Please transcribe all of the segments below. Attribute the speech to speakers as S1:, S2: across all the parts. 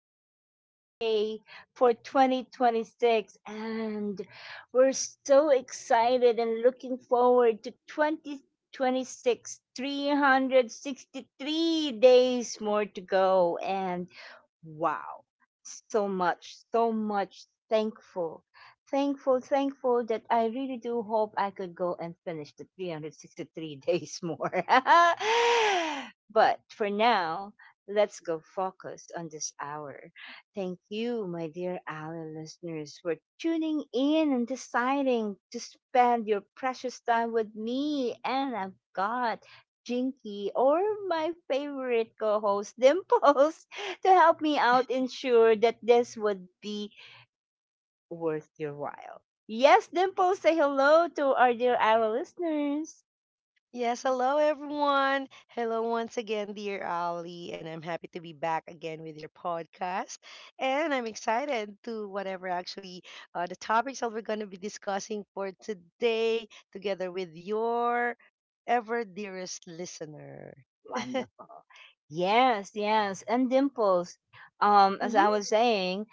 S1: second day for 2026, and we're so excited and looking forward to 2026, 363 days more to go. And wow. So much thankful. Thankful that I really do hope I could go and finish the 363 days more. But for now, let's go focus on this hour. Thank you, my dear Ally listeners, for tuning in and deciding to spend your precious time with me. And I've got Jinky, or my favorite co host, Dimples, to help me out ensure that this would be worth your while. Yes, Dimple, say hello to our dear our listeners.
S2: Yes, hello everyone. Hello once again, dear Ali, and I'm happy to be back again with your podcast. And I'm excited to whatever actually the topics that we're going to be discussing for today, together with your ever dearest listener.
S1: Wonderful. Yes, yes. And Dimples, as I
S2: Mm-hmm.
S1: was saying,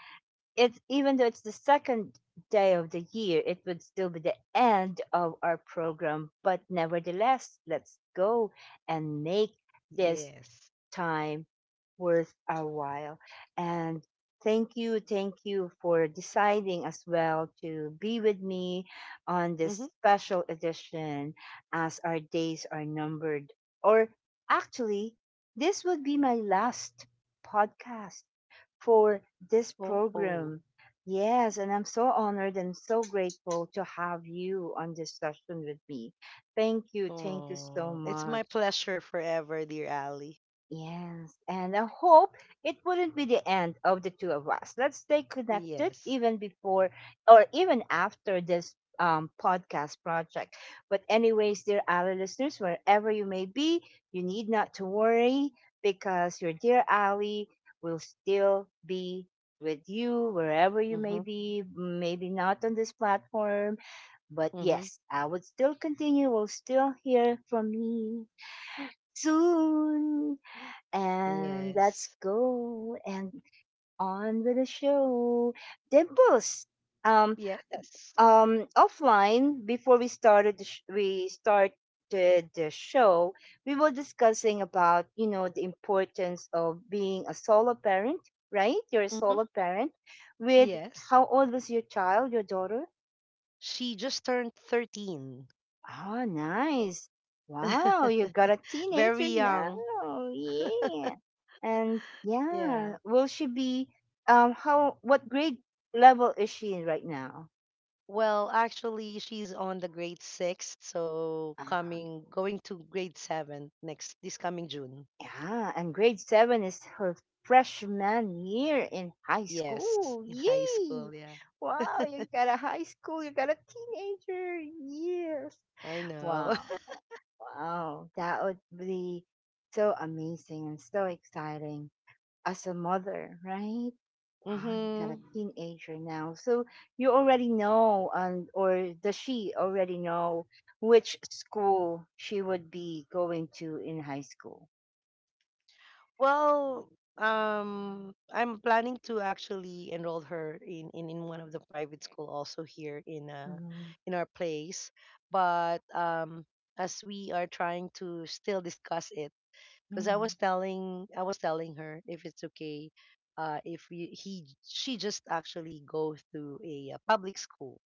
S1: it's even though it's the second day of the year, it would still be the end of our program. But nevertheless, let's go and make this
S2: Yes.
S1: time worth our while. And thank you for deciding as well to be with me on this
S2: Mm-hmm.
S1: special edition as our days are numbered. Or actually, this would be my last podcast for this
S2: Oh, oh,
S1: program. Yes, and I'm so honored and so grateful to have you on this session with me. Thank you. Thank you so
S2: oh. It's my
S1: much.
S2: pleasure forever, dear Ali.
S1: Yes, and I hope it wouldn't be the end of the two of us. Let's stay connected
S2: Yes.
S1: even before or even after this podcast project. But anyways, dear Ali listeners, wherever you may be, you need not to worry because your dear Ali will still be with you wherever you may
S2: Mm-hmm.
S1: be. Maybe not on this platform, but
S2: Mm-hmm.
S1: yes, I would still continue. We'll still hear from me soon. And let's
S2: Yes.
S1: go and on with the show. Dimples. Um,
S2: Yes.
S1: offline before we started the show, we were discussing about, you know, the importance of being a solo parent, right? You're a
S2: Mm-hmm.
S1: solo parent. With
S2: Yes.
S1: how old was your child, your daughter?
S2: She just turned 13.
S1: Oh, nice. Wow, you got a
S2: Very
S1: teenager
S2: young.
S1: now. Yeah. And
S2: Yeah.
S1: yeah, will she be how what grade level is she in right now?
S2: Well, actually, she's on the grade 6, so
S1: Uh,
S2: coming going to grade 7 next this coming June.
S1: yeah, and grade 7 is her freshman year in high
S2: Yes,
S1: school.
S2: in high
S1: Yay!
S2: school. Yeah,
S1: Wow, you got a high school, you got a teenager. Yes.
S2: I know.
S1: Wow. Wow. That would be so amazing and so exciting, as a mother, right? Wow, you got
S2: Mm-hmm.
S1: a teenager now. So you already know, and or does she already know which school she would be going to in high school?
S2: Well, I'm planning to actually enroll her in one of the private school also here
S1: Mhm,
S2: in our place. But as we are trying to still discuss it, because I was
S1: mhm.
S2: telling I was telling her if it's okay, if we, he she just actually goes to a, public school,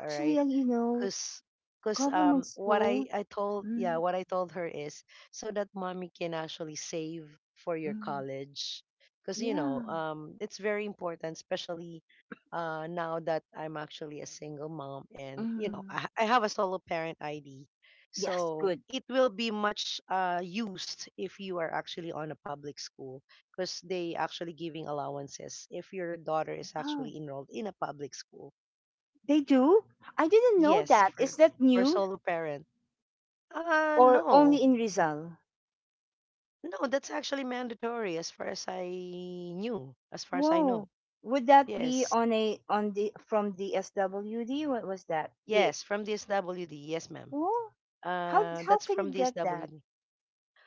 S2: all right?
S1: you know,
S2: cause cause
S1: government
S2: what
S1: school.
S2: I told,
S1: Mm,
S2: yeah, what I told her is so that mommy can actually save for your
S1: mm,
S2: college because you
S1: yeah.
S2: know it's very important, especially now that I'm actually a single mom, and you know
S1: Mm.
S2: I have a solo parent ID,
S1: Yes,
S2: so
S1: good.
S2: it will be much used if you are actually on a public school, because they actually giving allowances if your daughter is
S1: Oh,
S2: actually enrolled in a public school.
S1: they do? I didn't know
S2: Yes,
S1: that. Is that
S2: for
S1: new
S2: solo parents.
S1: or
S2: No.
S1: only in Rizal?
S2: No, that's actually mandatory as far as I knew, as far as I know.
S1: Whoa. Would that be
S2: Yes.
S1: on a on the from the SWD? What was that? The,
S2: Yes, from the SWD. Yes, ma'am.
S1: oh, how how
S2: That's
S1: can
S2: from
S1: you
S2: the
S1: get that?
S2: SWD.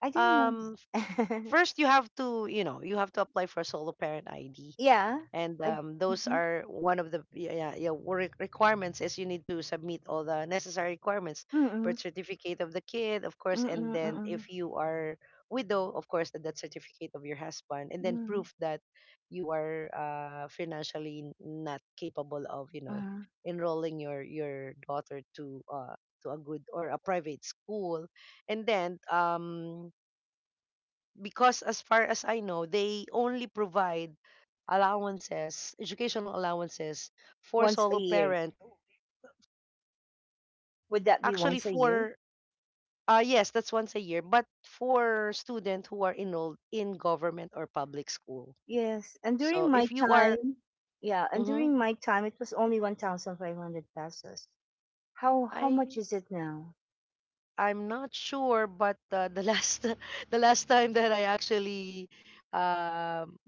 S1: I didn't know
S2: Um,
S1: that.
S2: first you have to, you know, you have to apply for solo parent ID.
S1: Yeah.
S2: And
S1: I
S2: those
S1: mhm.
S2: are one of the, yeah, yeah, requirements is you need to submit all the necessary requirements: birth
S1: Mm-mm.
S2: certificate of the kid, of course, and
S1: Mm-mm.
S2: then
S1: Mm-mm.
S2: if you are widow, of course, the death certificate of your husband, and then
S1: Mm-mm.
S2: proof that you are financially not capable of, you know,
S1: Uh-huh.
S2: enrolling your daughter to a good or a private school. And then because as far as I know, they only provide allowances, educational allowances for
S1: Once a
S2: solo
S1: year.
S2: parent.
S1: Would that be
S2: Actually,
S1: once a year?
S2: for yes, that's once a year, but for students who are enrolled in government or public school.
S1: Yes. And
S2: So
S1: during my
S2: if you are,
S1: time, yeah, and
S2: hmm.
S1: during my time it was only 1,500 pesos. How
S2: I
S1: much is it now?
S2: I'm not sure, but the last the last time that I actually um,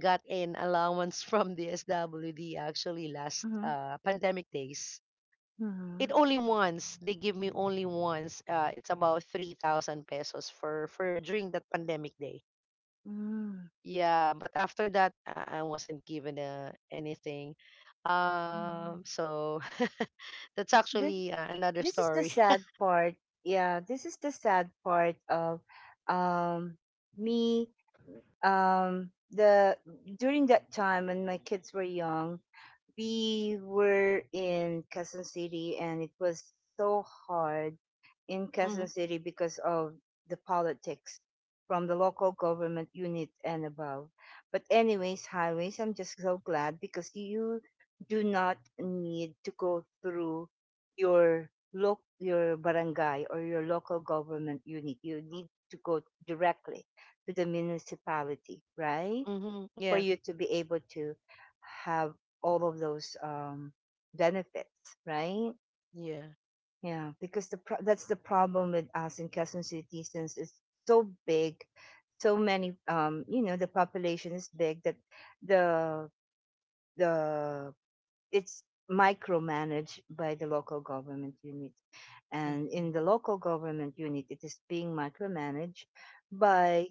S2: got an allowance from the SWD actually last
S1: Mm-hmm.
S2: pandemic days,
S1: Mm-hmm.
S2: it only once, they give me only once, uh, it's about 3,000 pesos for during that pandemic day. Yeah, but after that, I wasn't given anything.
S1: Mm-hmm.
S2: So that's actually
S1: This
S2: another
S1: is the
S2: story.
S1: sad part. Yeah, this is the sad part of um me the during that time when my kids were young, we were in Quezon City, and it was so hard in Quezon
S2: Mm-hmm,
S1: City because of the politics from the local government unit and above. But anyways, highways, I'm just so glad because you do not need to go through your loc your barangay or your local government unit. You need to go directly to the municipality, right?
S2: mm-hmm,
S1: For you
S2: yeah,
S1: to be able to have all of those benefits, right?
S2: yeah,
S1: Yeah, because that's the problem with us in Quezon City, since it's so big, so many. You know, the population is big that the the it's micromanaged by the local government unit, and in
S2: mm-hmm,
S1: the local government unit, it is being micromanaged by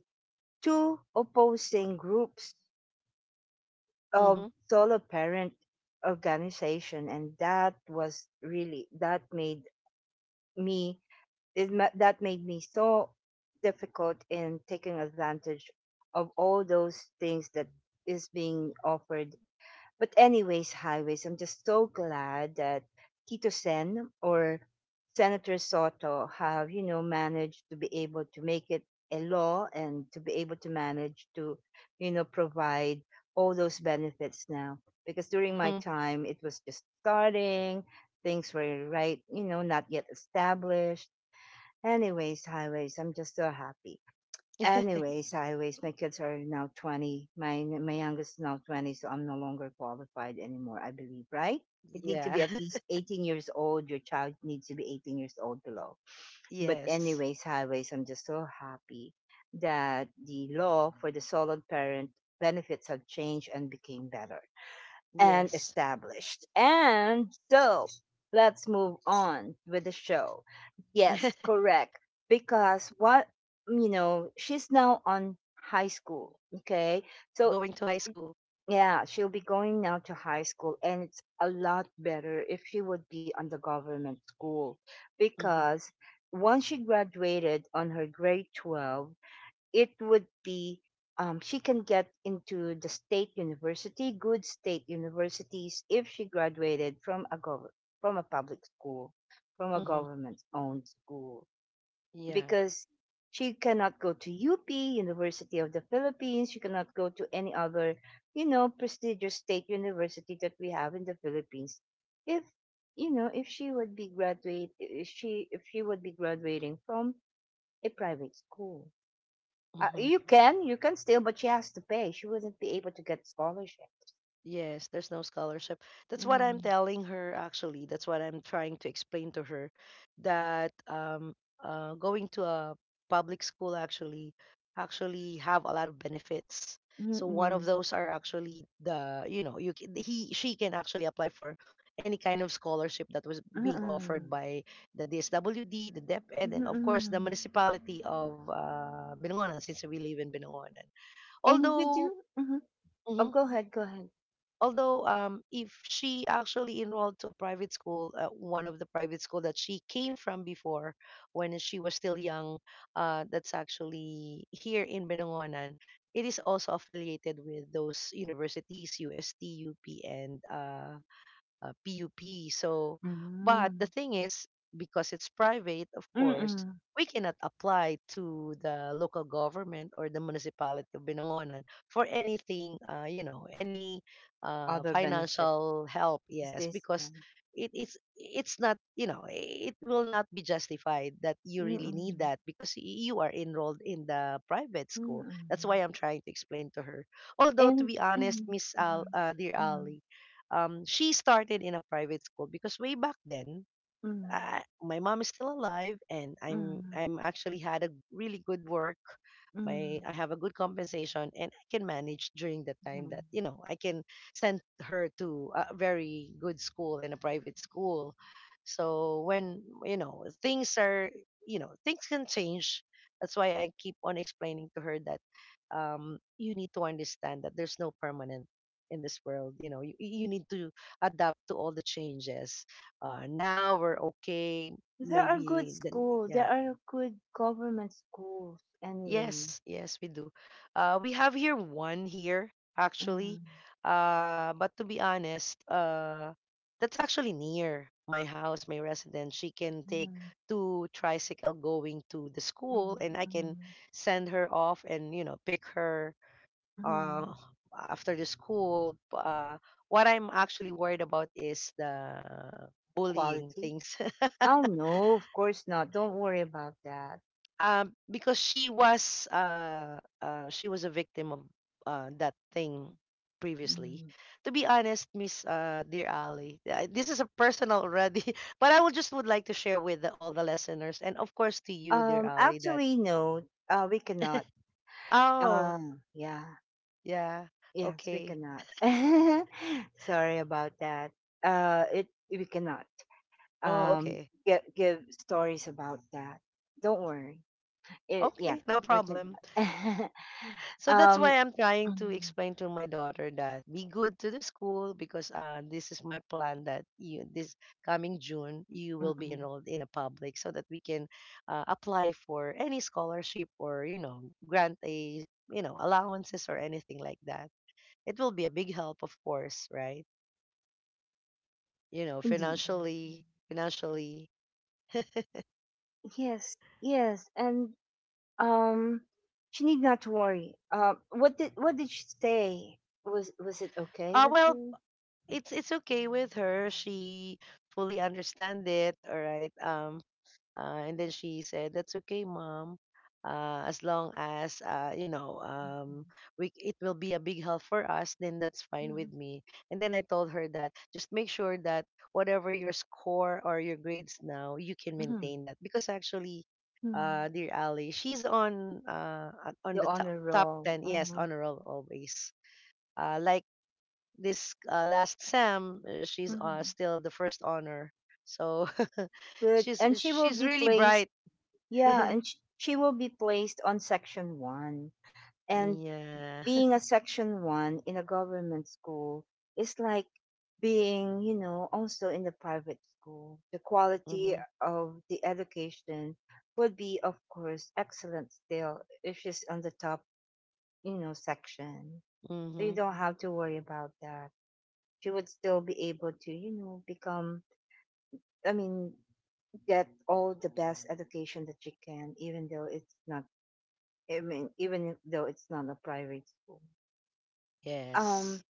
S1: two opposing groups of
S2: mm-hmm,
S1: solo parent organization, and that was really that made me that made me so difficult in taking advantage of all those things that is being offered. But anyways, highways, I'm just so glad that Tito Sen, or Senator Soto, have, you know, managed to be able to make it a law, and to be able to manage to, you know, provide all those benefits now. Because during my
S2: mm-hmm.
S1: time, it was just starting, things were right, you know, not yet established. Anyways, highways, I'm just so happy. Anyways, anyways, my kids are now 20. My youngest is now 20, so I'm no longer qualified anymore, I believe, right? It need to be at
S2: Yeah.
S1: least 18 years old. Your child needs to be 18 years old below. But
S2: Yes.
S1: anyways, highways, I'm just so happy that the law for the solid parent benefits have changed and became better and
S2: Yes.
S1: established. And so let's move on with the show. Yes, correct. Because what, you know, she's now on high school. Okay. So,
S2: Going to high school.
S1: yeah, she'll be going now to high school. And it's a lot better if she would be on the government school,
S2: Mm-hmm,
S1: because once she graduated on her grade 12, it would be she can get into the state university, good state universities, if she graduated from a from a public school, from a
S2: mm-hmm,
S1: government-owned school,
S2: yeah,
S1: because she cannot go to UP, University of the Philippines. She cannot go to any other, you know, prestigious state university that we have in the Philippines. If, you know, if she would be graduate, if she would be graduating from a private school,
S2: mm-hmm.
S1: you can still, but she has to pay. She wouldn't be able to get scholarship.
S2: Yes, there's no scholarship. That's what I'm
S1: Mm,
S2: telling her actually. That's what I'm trying to explain to her that going to a public school actually have a lot of benefits. So one of
S1: mm-mm.
S2: those are actually the, you know, you he she can actually apply for any kind of scholarship that was being offered
S1: Mm-mm.
S2: by the DSWD, the DepEd, and of course the
S1: Mm-mm.
S2: municipality of Binangonan, since we live in Binangonan.
S1: And we
S2: Although,
S1: do. Mhm. Oh,
S2: mhm,
S1: go ahead, go ahead.
S2: although if she actually enrolled to a private school, one of the private school that she came from before when she was still young, that's actually here in Benangonan. It is also affiliated with those universities, UST, UP, and PUP. So, but the
S1: Mm-mm.
S2: thing is, because it's private, of
S1: Mm,
S2: course,
S1: mm-mm.
S2: we cannot apply to the local government or the municipality of Binangonan for anything, you know, any
S1: Other benefit
S2: financial help. Yes,
S1: assistance.
S2: because it's not, you know, it will not be justified that you really need
S1: Mm-mm.
S2: that because you are enrolled in the private school. That's why
S1: Mm-mm.
S2: I'm trying to explain to her. Although, to
S1: And
S2: be honest, Miss Al, dear
S1: mm, mm,
S2: Ali, she started in a private school because way back then,
S1: mm, mm,
S2: my mom is still alive, and i'm
S1: mm,
S2: i'm actually had a really good work. My I
S1: mm,
S2: have a good compensation, and I can manage during the time that,
S1: mm,
S2: you know, I can send her to a very good school and a private school. So when, you know, things are, you know, things can change, that's why I keep on explaining to her that, you need to understand that there's no permanent in this world. You know, you need to adapt to all the changes. Now we're okay.
S1: there are good
S2: Maybe then,
S1: schools.
S2: yeah.
S1: There are good government schools anyway.
S2: Yes, yes, we do. We have here one here actually.
S1: Mm,
S2: But to be honest, that's actually near my house, my residence. She can take
S1: mm,
S2: two tricycle going to the school,
S1: mhm,
S2: and I can
S1: mhm,
S2: send her off and, you know, pick her uh,
S1: mhm.
S2: after the school. What I'm actually worried about is the bullying
S1: Quality?
S2: things,
S1: Oh no, of course not. Don't worry about that.
S2: because she was a victim of that thing previously.
S1: Mhm.
S2: To be honest, Miss Dear Ali, this is a personal already, but I would just would like to share with the, all the listeners and of course to you, Dear Ali, that
S1: Actually, no, we cannot.
S2: oh,
S1: Um, yeah,
S2: yeah,
S1: yes, we
S2: okay,
S1: cannot. Sorry about that. It, we cannot.
S2: oh,
S1: Um,
S2: okay,
S1: give stories about that. Don't worry. It, yeah,
S2: okay, no
S1: we can.
S2: problem. So that's
S1: um,
S2: why I'm trying to
S1: mm,
S2: explain to my daughter that be good to the school because, this is my plan that you this coming June you will
S1: mm,
S2: be
S1: mm.
S2: enrolled in a public, so that we can apply for any scholarship, or you know, grant a, you know, allowances or anything like that. It will be a big help, of course, right? You know,
S1: Indeed.
S2: financially, financially.
S1: Yes, yes, and Um, she need not to worry. What did she say? Was it okay with
S2: Well,
S1: you?
S2: it's okay with her. She fully understand it. All right. Uh, and then she said, "That's okay, mom. As long as you know, we, it will be a big help for us, then that's fine with
S1: Mhm,
S2: me." And then I told her that just make sure that whatever your score or your grades now, you can
S1: mhm,
S2: maintain that, because actually,
S1: mhm.
S2: dear Ali, she's on on
S1: The
S2: the top
S1: honor
S2: top
S1: roll.
S2: 10, yes,
S1: Mhm,
S2: honor roll always. Like this last sem, she's
S1: mhm.
S2: still the first honor. So
S1: Good.
S2: she's
S1: And she will
S2: she's
S1: be
S2: really
S1: placed.
S2: bright.
S1: Yeah, and she will be placed on section one, and
S2: Yeah.
S1: being a section one in a government school is like being, you know, also in the private school. The quality
S2: Mm-hmm.
S1: of the education would be, of course, excellent still if she's on the top, you know, section. So you
S2: Mm-hmm.
S1: don't have to worry about that. She would still be able to, you know, become, I mean, get all the best education that she can, even though it's not, I mean, even though it's not a private school.
S2: Yes.
S1: Um,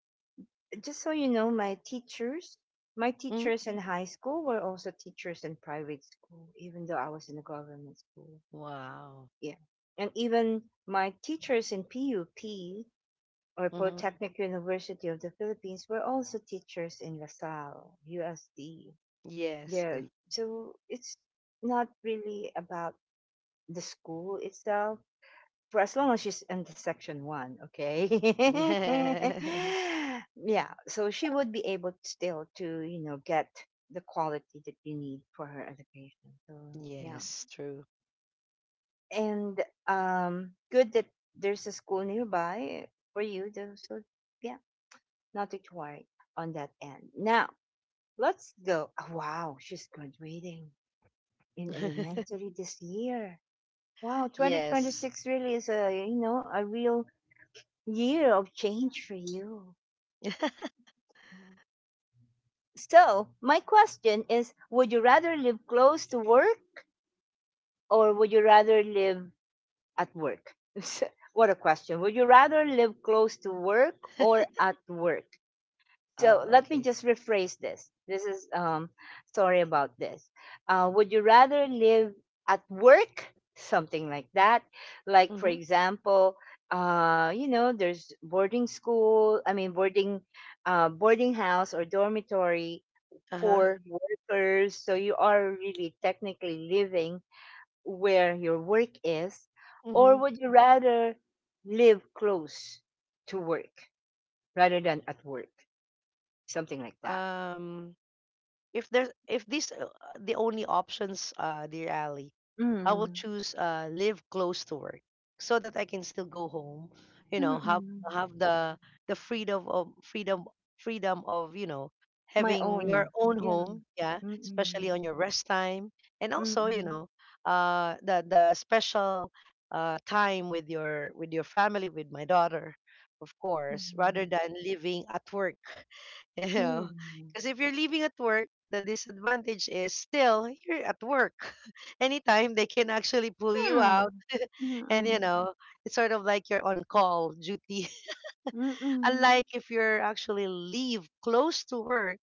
S1: just so you know, my teachers, my
S2: Mm-hmm.
S1: teachers in high school were also teachers in private school, even though I was in a government school.
S2: Wow.
S1: Yeah. And even my teachers in PUP, or
S2: Mm-hmm.
S1: Polytechnic University of the Philippines, were also teachers in LaSalle, USD.
S2: Yes.
S1: Yeah. So it's not really about the school itself, for as long as she's in the section one, okay?
S2: Yeah.
S1: Yeah, so she would be able still to, you know, get the quality that you need for her education. So, yeah.
S2: Yes, true.
S1: And good that there's a school nearby for you. Though, so, yeah, not to worry on that end. Now, let's go. Oh, wow, she's graduating in elementary this year. Wow,
S2: Yes.
S1: 2026 really is a, you know, a real year of change for you. So, my question is, would you rather live close to work, or would you rather live at work? What a question. Would you rather live close to work or at work? So
S2: Oh,
S1: let me
S2: okay.
S1: just rephrase this. This is sorry about this. Would you rather live at work, something like that? Like, for
S2: Mm-hmm.
S1: example, you know, there's boarding school. I mean, boarding, boarding house or dormitory
S2: Uh-huh.
S1: for workers. So you are really technically living where your work is, or
S2: Mm-hmm.
S1: would you rather live close to work rather than at work, something like that?
S2: Um, if there's if these the only options, uh, dear Ali, I will
S1: Mm,
S2: choose live close to work, so that I can still go home, you know,
S1: mm.
S2: have the freedom of freedom of, you know,
S1: My
S2: having your
S1: own.
S2: own
S1: Yeah.
S2: home, yeah, especially
S1: Mm,
S2: on your rest time. And also, you
S1: mm,
S2: know, the special time with your family, with my daughter, of course, rather
S1: mm.
S2: than living at work. You
S1: Yeah.
S2: know, because if you're leaving at work, the disadvantage is still you're at work. Anytime they can actually pull you out,
S1: Hmm. Mm,
S2: and you
S1: mm,
S2: know, it's sort of like you're on call duty.
S1: mm,
S2: Unlike if you're actually leave close to work,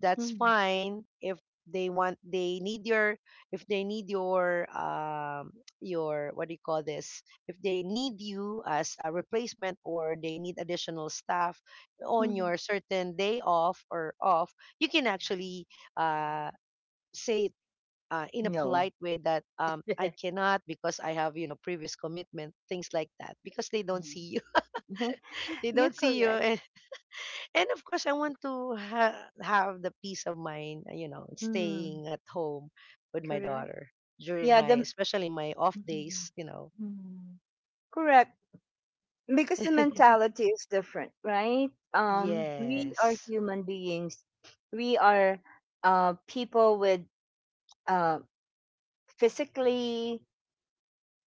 S2: that's fine. If they want, they need your, if they need your your, what do you call this, if they need you as a replacement or they need additional staff on
S1: mm.
S2: your certain day off or off, you can actually uh say it, in a
S1: No.
S2: polite way that, um, I cannot because I have, you know, previous commitment, things like that, because they don't
S1: Mm.
S2: see you. they
S1: You're
S2: don't see you
S1: correct.
S2: and of course, I want to have the peace of mind, you know,
S1: Mm,
S2: staying at home with my
S1: correct.
S2: daughter during
S1: Yeah,
S2: my,
S1: the
S2: especially my off
S1: hmm,
S2: days, you know.
S1: mm. Correct, because the mentality is different, right? We are
S2: Yes.
S1: human beings. We are people with uh physically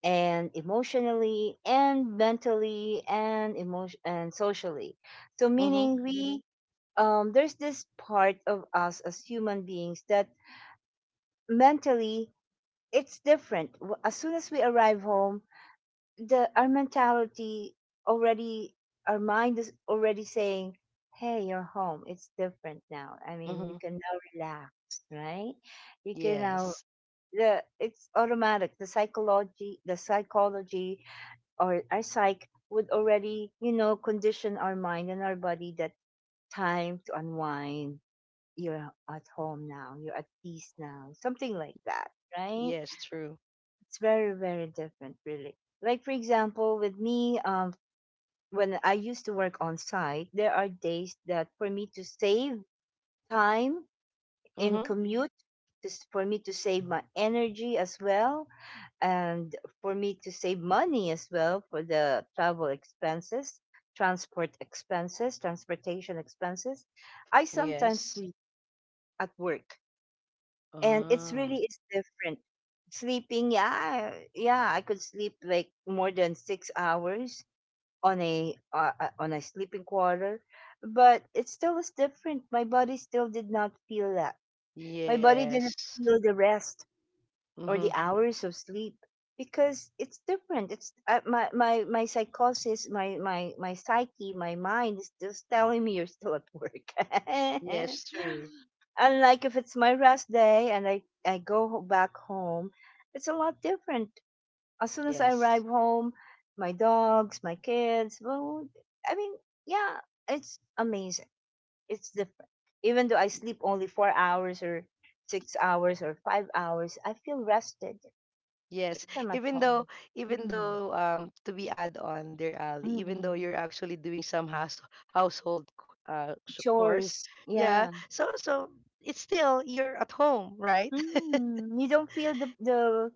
S1: and emotionally and mentally and emotion and socially, so
S2: Mm-hmm.
S1: meaning we, there's this part of us as human beings that mentally it's different. As soon as we arrive home, the our mentality already, our mind is already saying, "Hey, you're home, it's different now. I mean, you
S2: Mm-hmm.
S1: can now relax, right? You can now"
S2: Yes.
S1: the it's automatic. The psychology, or our psyche would already, condition our mind and our body that time to unwind. You're at home now. You're at peace now. Something like that, right?
S2: Yes, true.
S1: It's very, very different, really. Like, for example, with me, when I used to work on site, there are days that for me to save time in
S2: Mm-hmm.
S1: commute, just for me to save my energy as well, and for me to save money as well for the travel expenses, transport expenses, transportation expenses, I sometimes
S2: Yes.
S1: sleep at work, and it's
S2: Ah.
S1: really is different. Sleeping, yeah, I could sleep like more than 6 hours on a sleeping quarter, but it still is different. My body still did not feel that. My body didn't
S2: Yes.
S1: feel the rest or
S2: Mm-hmm.
S1: the hours of sleep because it's different. It's my psychosis, my psyche, my mind is just telling me you're still at work.
S2: Yes, true.
S1: Unlike if it's my rest day and I go back home, it's a lot different. As soon as I
S2: Yes.
S1: arrive home, my dogs, my kids, well, I mean, yeah, it's amazing, it's different. Even though I sleep only 4 hours or 6 hours or 5 hours, I feel rested
S2: Yes,
S1: them at
S2: even
S1: home.
S2: though Even
S1: Mm.
S2: though to be add on, dear Ali, even though
S1: Mm.
S2: you're actually doing some house household chores,
S1: Chores,
S2: yeah.
S1: yeah.
S2: So so it's still you're at home, right?
S1: Mm, you don't feel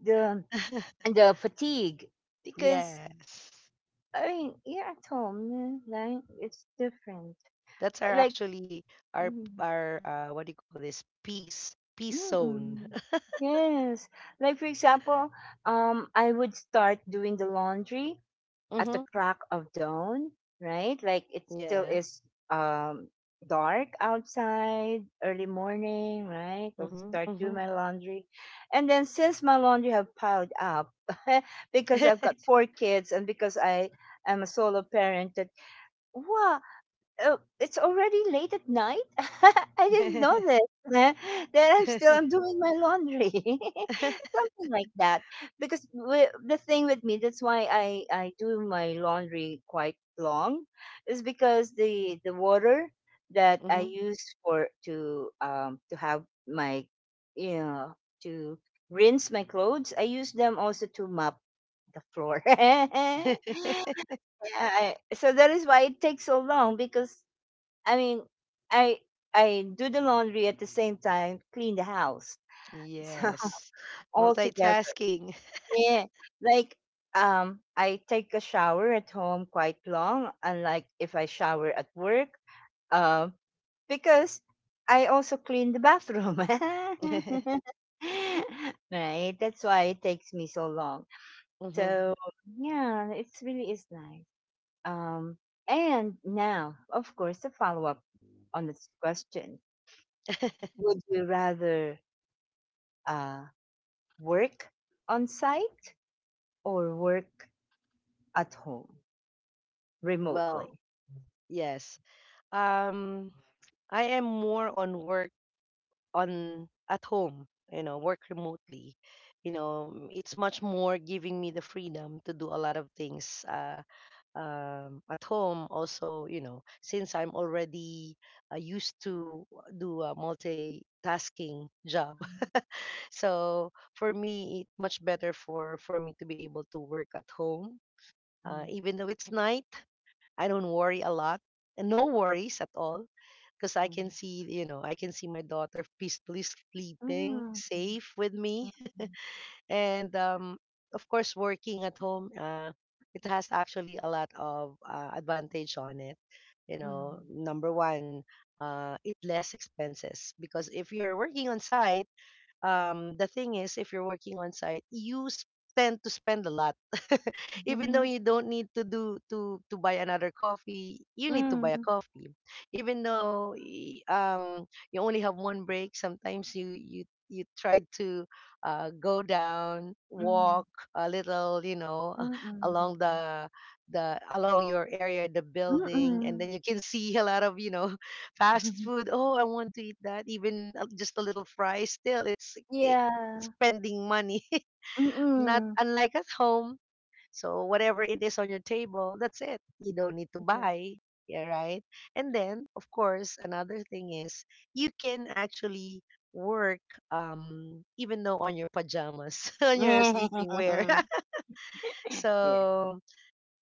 S1: the the fatigue, because
S2: Yes.
S1: I mean, you're at home, yeah, like it's different.
S2: That's our
S1: Like
S2: actually
S1: Mm.
S2: our what do you call this? Peace zone.
S1: Mm-mm. Yes. Like for example, I would start doing the laundry at the
S2: Mhm.
S1: crack of dawn, right? Like it still
S2: Yeah.
S1: is um, dark outside, early morning, right? I'll
S2: Mhm.
S1: start doing
S2: Mhm.
S1: my laundry. And then since my laundry have piled up, because I've got four kids and because I am a solo parent, that wow, oh, it's already late at night? I didn't know this. That I'm doing my laundry. Something like that. Because the thing with me, that's why I do my laundry quite long, is because the water that I
S2: Mhm.
S1: use for to have my, you know, to rinse my clothes, I use them also to mop the floor. Yeah, so that is why it takes so long because I mean, I I do the laundry at the same time, clean the house. So
S2: Yes.
S1: all together.
S2: Multitasking.
S1: Yeah. Like I take a shower at home quite long, unlike if I shower at work. Um because I also clean the bathroom. Right. That's why it takes me so long.
S2: Mhm.
S1: So yeah, it's really is nice. Um and now, of course, a follow up on this question. Would you rather uh, work on site or work at home remotely?
S2: Well, yes. Um, I am more on work on at home, you know, work remotely. You know, it's much more giving me the freedom to do a lot of things at home. Also, you know, since I'm already used to do a multitasking job, so for me, it's much better for me to be able to work at home,
S1: Mm,
S2: even though it's night. I don't worry a lot and no worries at all because I
S1: mm,
S2: can see, you know, I can see my daughter peacefully sleeping,
S1: mm,
S2: safe with me.
S1: mm,
S2: and Of course, working at home, it has actually a lot of advantage on it. You know, number one, it less expenses because if you're working on site, the thing is, if you're working on site, tend to spend a lot. Even though
S1: mm,
S2: you don't need to do to buy another coffee, you need to buy a
S1: mm,
S2: coffee. Even though you only have one break, sometimes you you try to go down,
S1: mm,
S2: walk a little,
S1: mm,
S2: along
S1: mm,
S2: the along your area, the
S1: mm.
S2: building, and
S1: Mm.
S2: then you can see a lot of fast food. Oh, I want to eat that. Even just a little fry, still, it's eh,
S1: Yeah.
S2: spending money. Not
S1: Mm-mm.
S2: unlike at home. So whatever it is on your table, that's it. You don't need to
S1: Yeah.
S2: buy. Yeah, right. And then, of course, another thing is you can actually work even though on your pajamas, on your sleeping wear, so
S1: Yeah.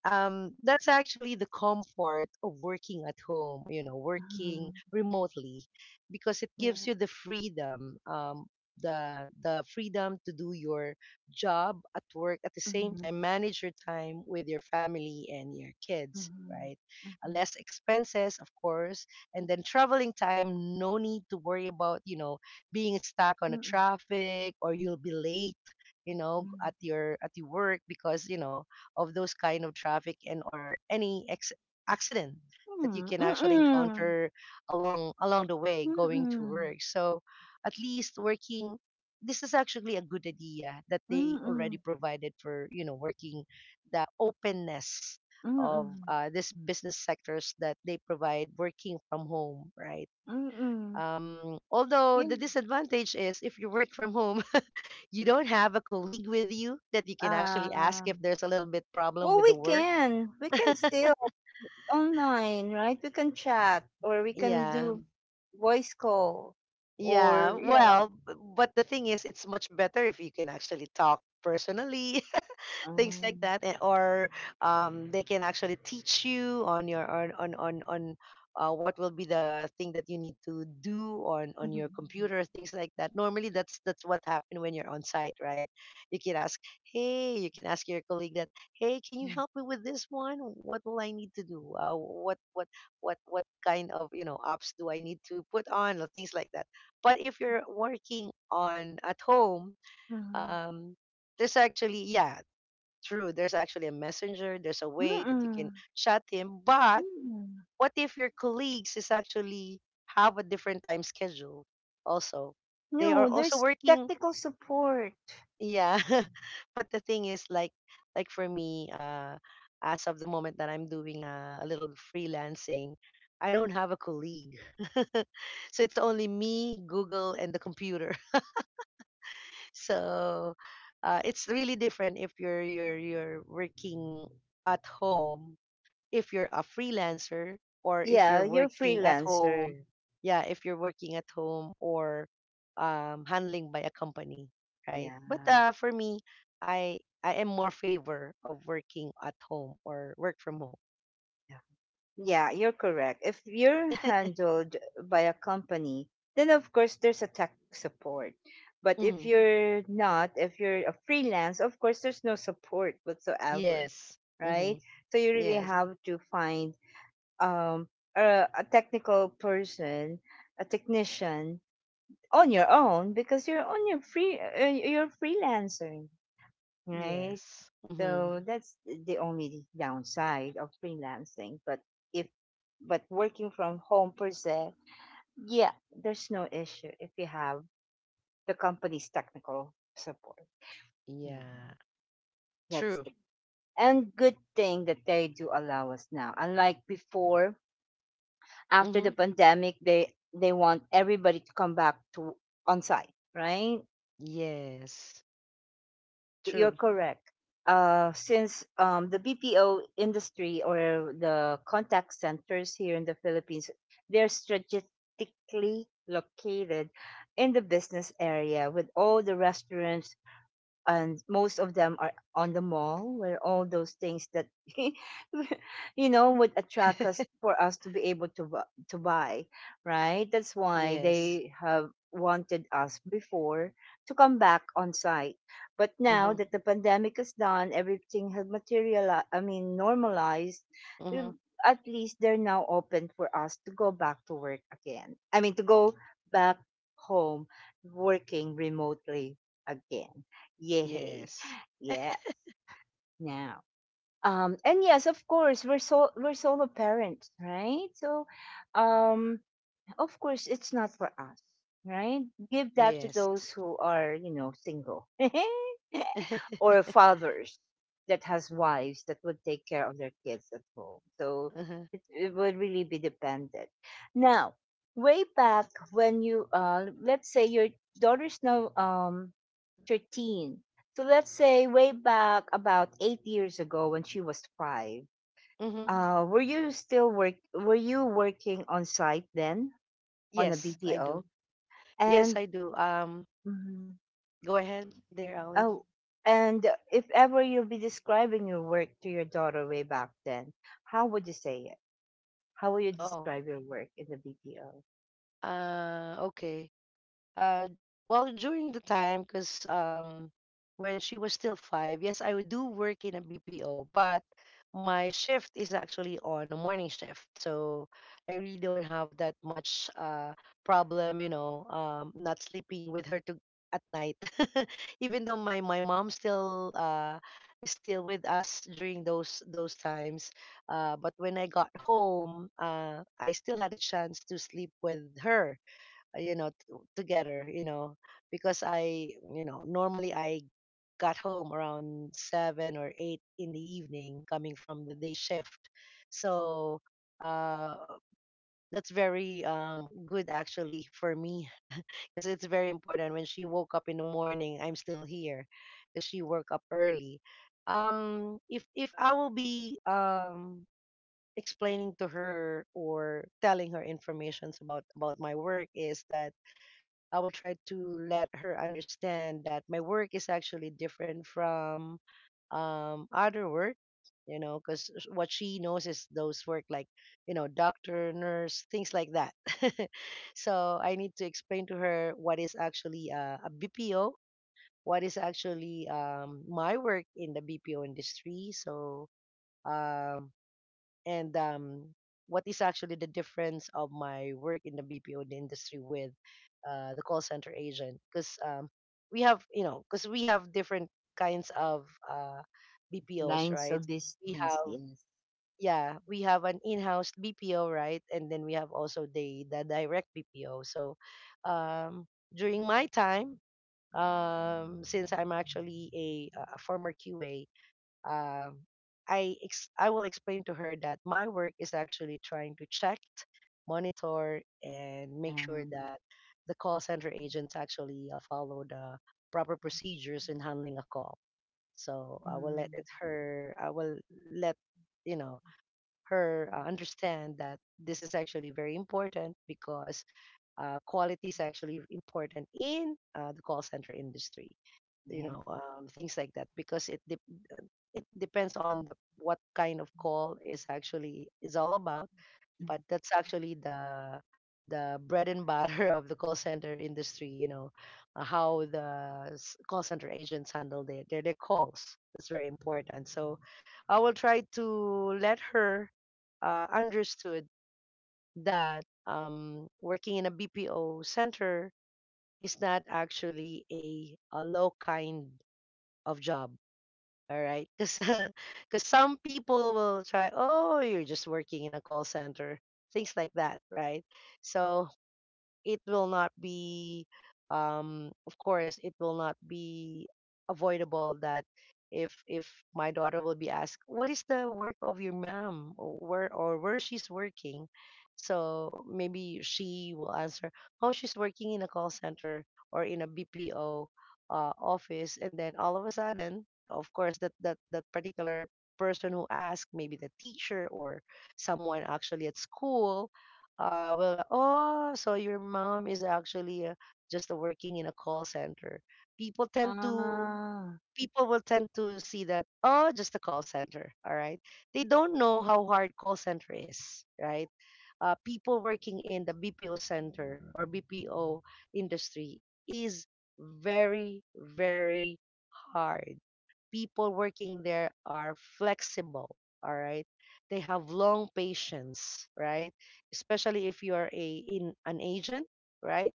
S2: um, that's actually the comfort of working at home, you know,
S1: Mm.
S2: working remotely, because it
S1: Yeah.
S2: gives you the freedom, the freedom to do your job at work, at the same
S1: Mm,
S2: time, manage your time with your family and your
S1: mm,
S2: kids,
S1: mm,
S2: right?
S1: mm,
S2: Less expenses, of course, and then traveling time, no need to worry about, you know, being stuck on a traffic or you'll be late, you know, at your work because you know of those kind of traffic and or accident that you
S1: mm, mm,
S2: can actually
S1: mm,
S2: encounter along the way
S1: mm,
S2: going to
S1: mm.
S2: work. So at least working, this is actually a good idea that they
S1: Mm,
S2: already provided for, you know, working the openness of
S1: mm,
S2: this business sectors that they provide working from home, right?
S1: mm.
S2: Although the
S1: Yun.
S2: disadvantage is if you work from home, you don't have a colleague with you that you can actually ask
S1: ah,
S2: if there's a little bit problem
S1: well,
S2: with
S1: we
S2: the work.
S1: can. We can still online, right? We can chat or we can
S2: Yeah.
S1: do voice call
S2: Yeah.
S1: or yeah.
S2: Well, but the thing is, it's much better if you can actually talk personally, things like
S1: Um,
S2: that, and or they can actually teach you on your on what will be the thing that you need to do on your
S1: mm,
S2: computer, things like that. Normally that's what happened when you're on site, right? You can ask, hey, you can ask your colleague that, hey, can you
S1: mm,
S2: help me with this one, what will I need to do, what kind of, you know, apps do I need to put on or things like that. But if you're working on at home, um there's actually, yeah, true, there's actually a messenger, there's a
S1: mm,
S2: way that you can
S1: mm,
S2: chat him. But
S1: mm.
S2: what if your colleagues is actually have a different time schedule also? They are
S1: No,
S2: also
S1: there's
S2: working.
S1: technical support.
S2: Yeah. but the thing is like for me, as of the moment that I'm doing a little freelancing, I don't have a colleague. so it's only me, Google and the computer. so it's really different if you're working at home, if you're a freelancer, or if
S1: Yeah,
S2: you're
S1: you're
S2: working at home.
S1: freelancer.
S2: Yeah, if you're working at home or handling by a company, right?
S1: Yeah.
S2: But for me, I I am more favor of working at home or work from home.
S1: Yeah. Yeah, you're correct. If you're handled by a company, then of course there's a tech support. But if
S2: hmm.
S1: you're not, if you're a freelance, of course there's no support whatsoever,
S2: Yes.
S1: right?
S2: Hmm.
S1: So you really
S2: Yes.
S1: have to find um, a technical person, a technician on your own because you're on your free you're freelancing, right?
S2: Yes. Hmm.
S1: So that's the only downside of freelancing. But if but working from home per se, yeah, there's no issue if you have the company's technical support. Yeah,
S2: Yeah.
S1: that's
S2: True.
S1: it. And good thing that they do allow us now. Unlike before, after
S2: Hmm.
S1: the pandemic, they want everybody to come back to on site, right?
S2: Yes.
S1: And you're
S2: True.
S1: correct. Since the BPO industry or the contact centers here in the Philippines, they're strategically located in the business area with all the restaurants, and most of them are on the mall where all those things that you know would attract us for us to be able to to buy, right? That's why
S2: yes.
S1: they have wanted us before to come back on site. But now
S2: Mm-hmm.
S1: that the pandemic is done, everything has materialized, I mean, normalized. we-
S2: Hmm.
S1: at least they're now open for us to go back to work again, I mean, to go back home working remotely again. Yay.
S2: Yes.
S1: Yeah. Now. And yes, of course, we're we're solo parents, right? So um of course, it's not for us, right? Give that to
S2: Yes.
S1: those who are, you know, single. Or fathers that has wives that would take care of their kids at home. So
S2: uh-huh.
S1: it would really be dependent. Now, way back when you let's say your daughter's now 13. So let's say way back about 8 years ago when she was 5.
S2: Mm-hmm.
S1: Were you working on site then on a
S2: Yes, I do.
S1: BPO?
S2: Yes,
S1: And
S2: I do. Go ahead there, Ali.
S1: oh, and if ever you'll be describing your work to your daughter way back then, how would you say it? How would you
S2: Oh,
S1: describe your work in the BPO?
S2: okay. uh well, during the time, because when she was still 5, yes, I would do work in a BPO, but my shift is actually on a morning shift. So I really don't have that much problem, you know, not sleeping with her to at night. even though my mom still is still with us during those times, but when I got home, I still had a chance to sleep with her, you know, together, you know, because I, you know, normally I got home around 7 or 8 in the evening, coming from the day shift. So uh, that's very good actually for me, because it's very important. When she woke up in the morning, I'm still here, because she woke up early. If I will be explaining to her or telling her informations about my work, is that I will try to let her understand that my work is actually different from other work, you know, because what she knows is those work like, you know, doctor, nurse, things like that. so I need to explain to her what is actually BPO, what is actually my work in the BPO industry. So um, and what is actually the difference of my work in the BPO industry with the call center agent, because we have, you know, because we have different kinds of BPOs,
S1: Lines
S2: right?
S1: of
S2: We
S1: business,
S2: have,
S1: yes.
S2: yeah, we have an in-house BPO, right? And then we have also the direct BPO. So um, during my time, since I'm actually a former QA, um, I will explain to her that my work is actually trying to check, monitor, and make sure
S1: Uh,
S2: that the call center agents actually follow the proper procedures in handling a call. So I will let it
S1: mm,
S2: her. I will let you know her understand that this is actually very important because quality is actually important in the call center industry, you
S1: yes.
S2: know, things like that, because it dep uh, it depends on the what kind of call is actually is all about.
S1: Mm.
S2: But that's actually the bread and butter of the call center industry, you know, how call center agents handle their calls. That's very important. So I will try to let her understood that working in a BPO center is not actually a low kind of job, all right, because some people will try, oh, you're just working in a call center, things like that, right? So it will not be of course it will not be avoidable that if my daughter will be asked, what is the work of your mom, or where, or where she's working, so maybe she will answer, oh, she's working in a call center, or in a BPO office. And then all of a sudden, of course that that particular person who asked, maybe the teacher or someone actually at school, well, oh, so your mom is actually just working in a call center. People tend to,
S1: Ah,
S2: people will tend to see that, oh, just a call center, all right. They don't know how hard call center is, right? People working in the BPO center or BPO industry is very, very hard. People working there are flexible, all right? They have long patience, right? Especially if you're a in an agent, right?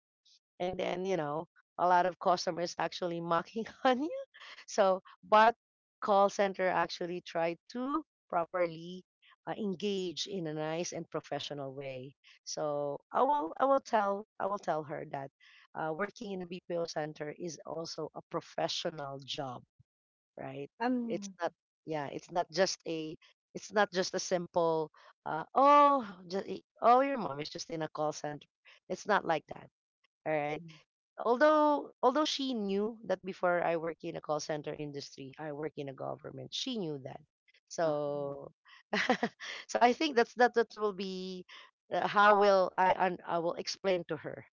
S2: And then, you know, a lot of customers actually mocking on you. So, but call center actually try to properly engage in a nice and professional way. So, I will tell I will tell her that working in a BPO center is also a professional job, right? It's
S1: I'm,
S2: not, yeah, it's not just a, it's not just a simple, oh, just, oh, your mom is just in a call center. It's not like that, all right.
S1: mm,
S2: Although, she knew that before I work in a call center industry, I work in a government. She knew that,
S1: uh,
S2: so, so I think that that will be how I will explain to her,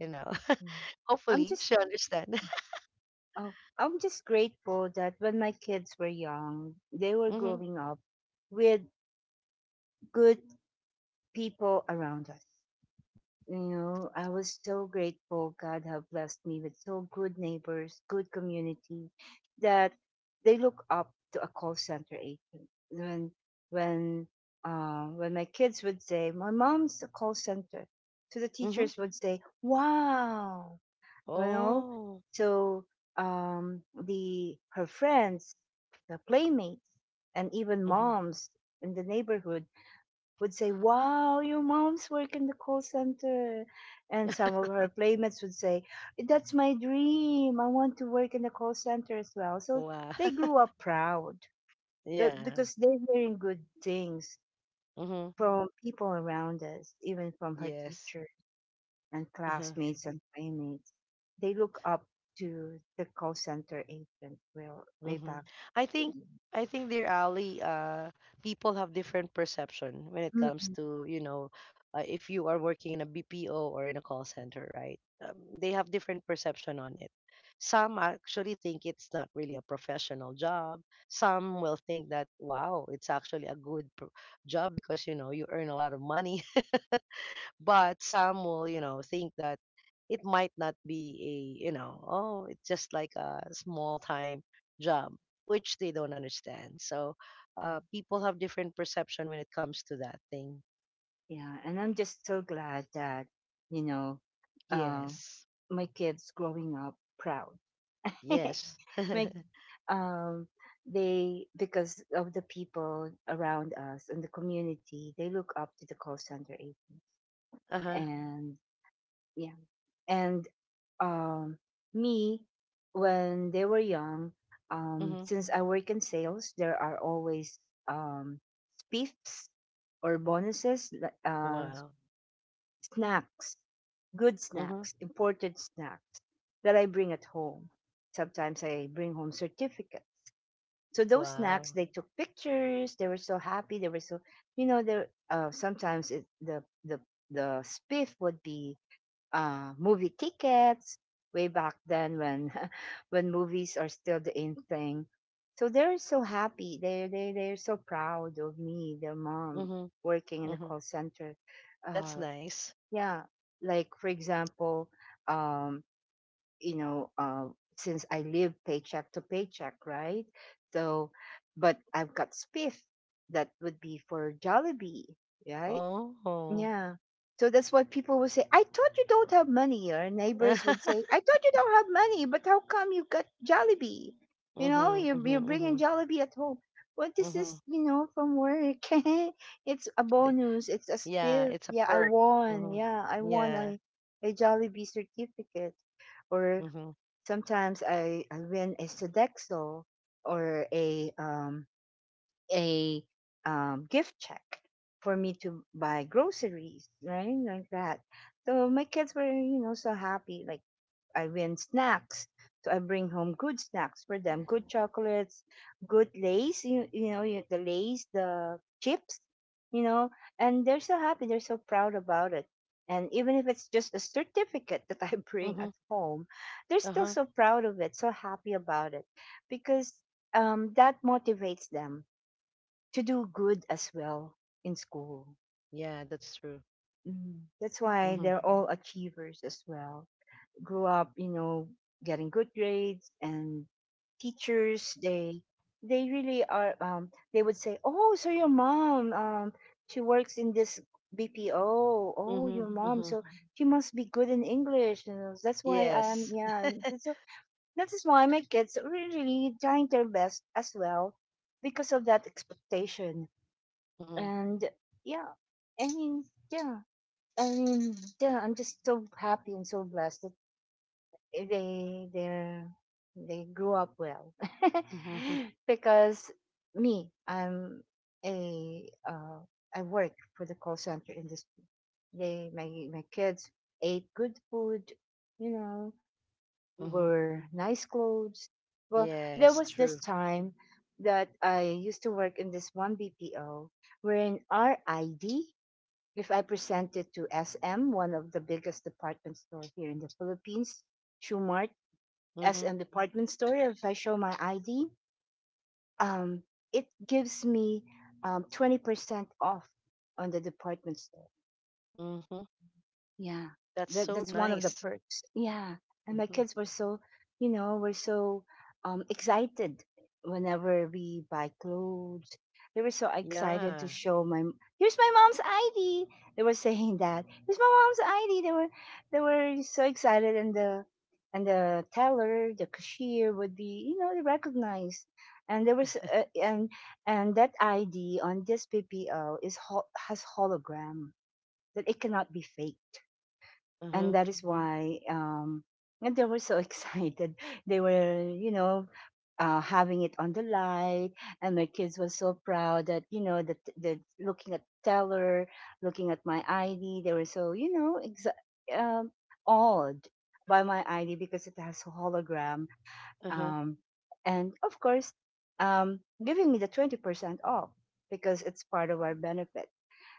S2: you know.
S1: mm. I'm
S2: Hopefully,
S1: just,
S2: she'll understand.
S1: oh, I'm just grateful that when my kids were young, they were
S2: mm-hmm.
S1: growing up with good people around us. You know, I was so grateful. God have blessed me with so good neighbors, good community, that they look up to a call center agent. When when my kids would say, "My mom's a call center," to the
S2: Mm-hmm.
S1: teachers would say, "Wow," you know.
S2: Oh.
S1: So the her friends, the playmates, and even
S2: Mm-hmm.
S1: moms in the neighborhood would say, "Wow, your mom's work in the call center." And some of her playmates would say, "That's my dream. I want to work in the call center as well." So
S2: Wow.
S1: they grew up proud
S2: Yeah.
S1: because they're hearing good things
S2: Mm-hmm.
S1: from people around us, even from her
S2: Yes.
S1: teachers and
S2: Uh-huh.
S1: classmates and playmates. They look up to the call center agent well, way
S2: Mm-hmm.
S1: back.
S2: I think I think, dear Ali, people have different perception when it comes
S1: Mm-mm.
S2: to, you know, if you are working in a BPO or in a call center, right? They have different perception on it. Some actually think it's not really a professional job. Some will think that wow, it's actually a good job because you know you earn a lot of money. But some will, you know, think that it might not be a, you know, oh, it's just like a small time job, which they don't understand. So
S1: Yeah.
S2: people have different perception when it comes to that thing.
S1: Yeah, and I'm just so glad that, you know, uh,
S2: Yes.
S1: my kids growing up proud.
S2: Yes.
S1: Like, um, they, because of the people around us and the community, they look up to the call center agents.
S2: uh-huh.
S1: And yeah, and um, me, when they were young,
S2: Mm-hmm.
S1: since I work in sales, there are always um, spiffs or bonuses, like,
S2: Wow.
S1: snacks, good
S2: Mm-hmm.
S1: snacks, imported snacks that I bring at home. Sometimes I bring home certificates. So those snacks,
S2: Wow.
S1: they took pictures. They were so happy. They were so, you know, they uh, sometimes it, the the the spiff would be movie tickets way back then when when movies are still the in thing. So they're so happy. They're so proud of me, their mom
S2: Mm-hmm.
S1: working in the
S2: Mm-hmm.
S1: call center.
S2: That's
S1: Uh,
S2: nice.
S1: yeah, like for example, um, you know, since I live paycheck to paycheck, right? So, but I've got spiff that would be for Jollibee, right?
S2: Oh.
S1: Yeah. So that's why people would say, "I thought you don't have money." Or neighbors would say, "I thought you don't have money, but how come you got Jollibee? You
S2: Mm-hmm,
S1: know, you're
S2: mm-hmm, mm-hmm,
S1: bringing Jollibee at home. What is
S2: mm-hmm.
S1: this, you know, from work?" It's a bonus. It's a
S2: Yeah,
S1: spill.
S2: it's a
S1: Yeah, I
S2: perk.
S1: won. Yeah, I
S2: Mm-hmm.
S1: won
S2: Yeah.
S1: a Jollibee certificate. Or
S2: Mm-hmm.
S1: sometimes I win a Sodexo or a gift check for me to buy groceries, right? Like that. So my kids were, you know, so happy. Like I win snacks. So I bring home good snacks for them, good chocolates, good lace, you know, the lace, the chips, you know, and they're so happy. They're so proud about it. And even if it's just a certificate that I bring
S2: Mm-hmm.
S1: at home, they're still
S2: Uh-huh.
S1: so proud of it, so happy about it because that motivates them to do good as well in school.
S2: Yeah, that's true.
S1: Mm. That's why
S2: Mm-hmm.
S1: they're all achievers as well. Grew up, you know, getting good grades and teachers. They really are. They would say, "Oh, so your mom, she works in this BPO. Oh,
S2: Mm-hmm.
S1: your mom,
S2: Mm-hmm.
S1: so she must be good in English." You know, that's why I'm
S2: Yes.
S1: yeah. And so that is why my kids are really trying their best as well because of that expectation.
S2: Mm-hmm.
S1: And, yeah, I mean, yeah, I mean, yeah, I'm just so happy and so blessed that they they they grew up well.
S2: Mm-hmm.
S1: Because me I'm a I work for the call center industry. They my my kids ate good food, you know,
S2: Mm-hmm.
S1: wore nice clothes. Well, there
S2: Yes,
S1: was this
S2: true.
S1: time that I used to work in this one BPO wherein our ID, if I present it to SM, one of the biggest department store here in the Philippines, Shoemart,
S2: Mm-hmm.
S1: SM department store, if I show my ID, um, it gives me 20% off on the department store.
S2: Mm-hmm.
S1: Yeah,
S2: That's
S1: that
S2: so
S1: that's one of the
S2: nice.
S1: perks. Yeah, and my
S2: Mm-hmm.
S1: kids were so, you know, were so excited whenever we buy clothes. They were so excited
S2: Yeah.
S1: to show. Here's my mom's ID. They were saying that here's my mom's ID. They were, they were so excited, and the teller, the cashier would be, recognized. And there was and that ID on this PPO is has hologram that it cannot be faked.
S2: Uh-huh.
S1: And that is why and they were so excited. They were, having it on the light. And my kids were so proud that, you know that the looking at teller, looking at my ID, they were so, um, awed by my ID because it has a hologram.
S2: Uh-huh.
S1: um, and of course, giving me the 20% off because it's part of our benefit.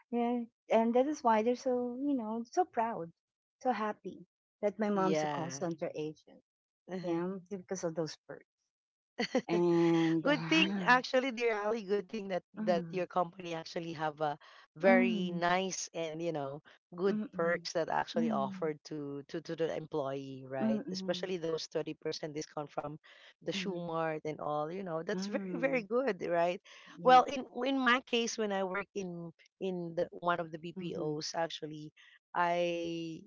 S1: Yeah, and that is why they're so, so proud, so happy that my mom's a call
S2: Yeah.
S1: center agent.
S2: Uh-huh.
S1: Yeah, because of those perks. And
S2: Good thing actually, dear Ali, good thing that
S1: mm,
S2: your company actually have a very
S1: mm,
S2: nice and you know good
S1: mm, mm,
S2: perks that actually
S1: mm,
S2: offered to to the employee, right?
S1: mm,
S2: Especially those 30% discount from the
S1: mm,
S2: shoe
S1: mm,
S2: mart and all, you know, that's very
S1: mm,
S2: good, right?
S1: yeah,
S2: Well, in my case, when I work in the one of the
S1: mm-hmm,
S2: bpos actually I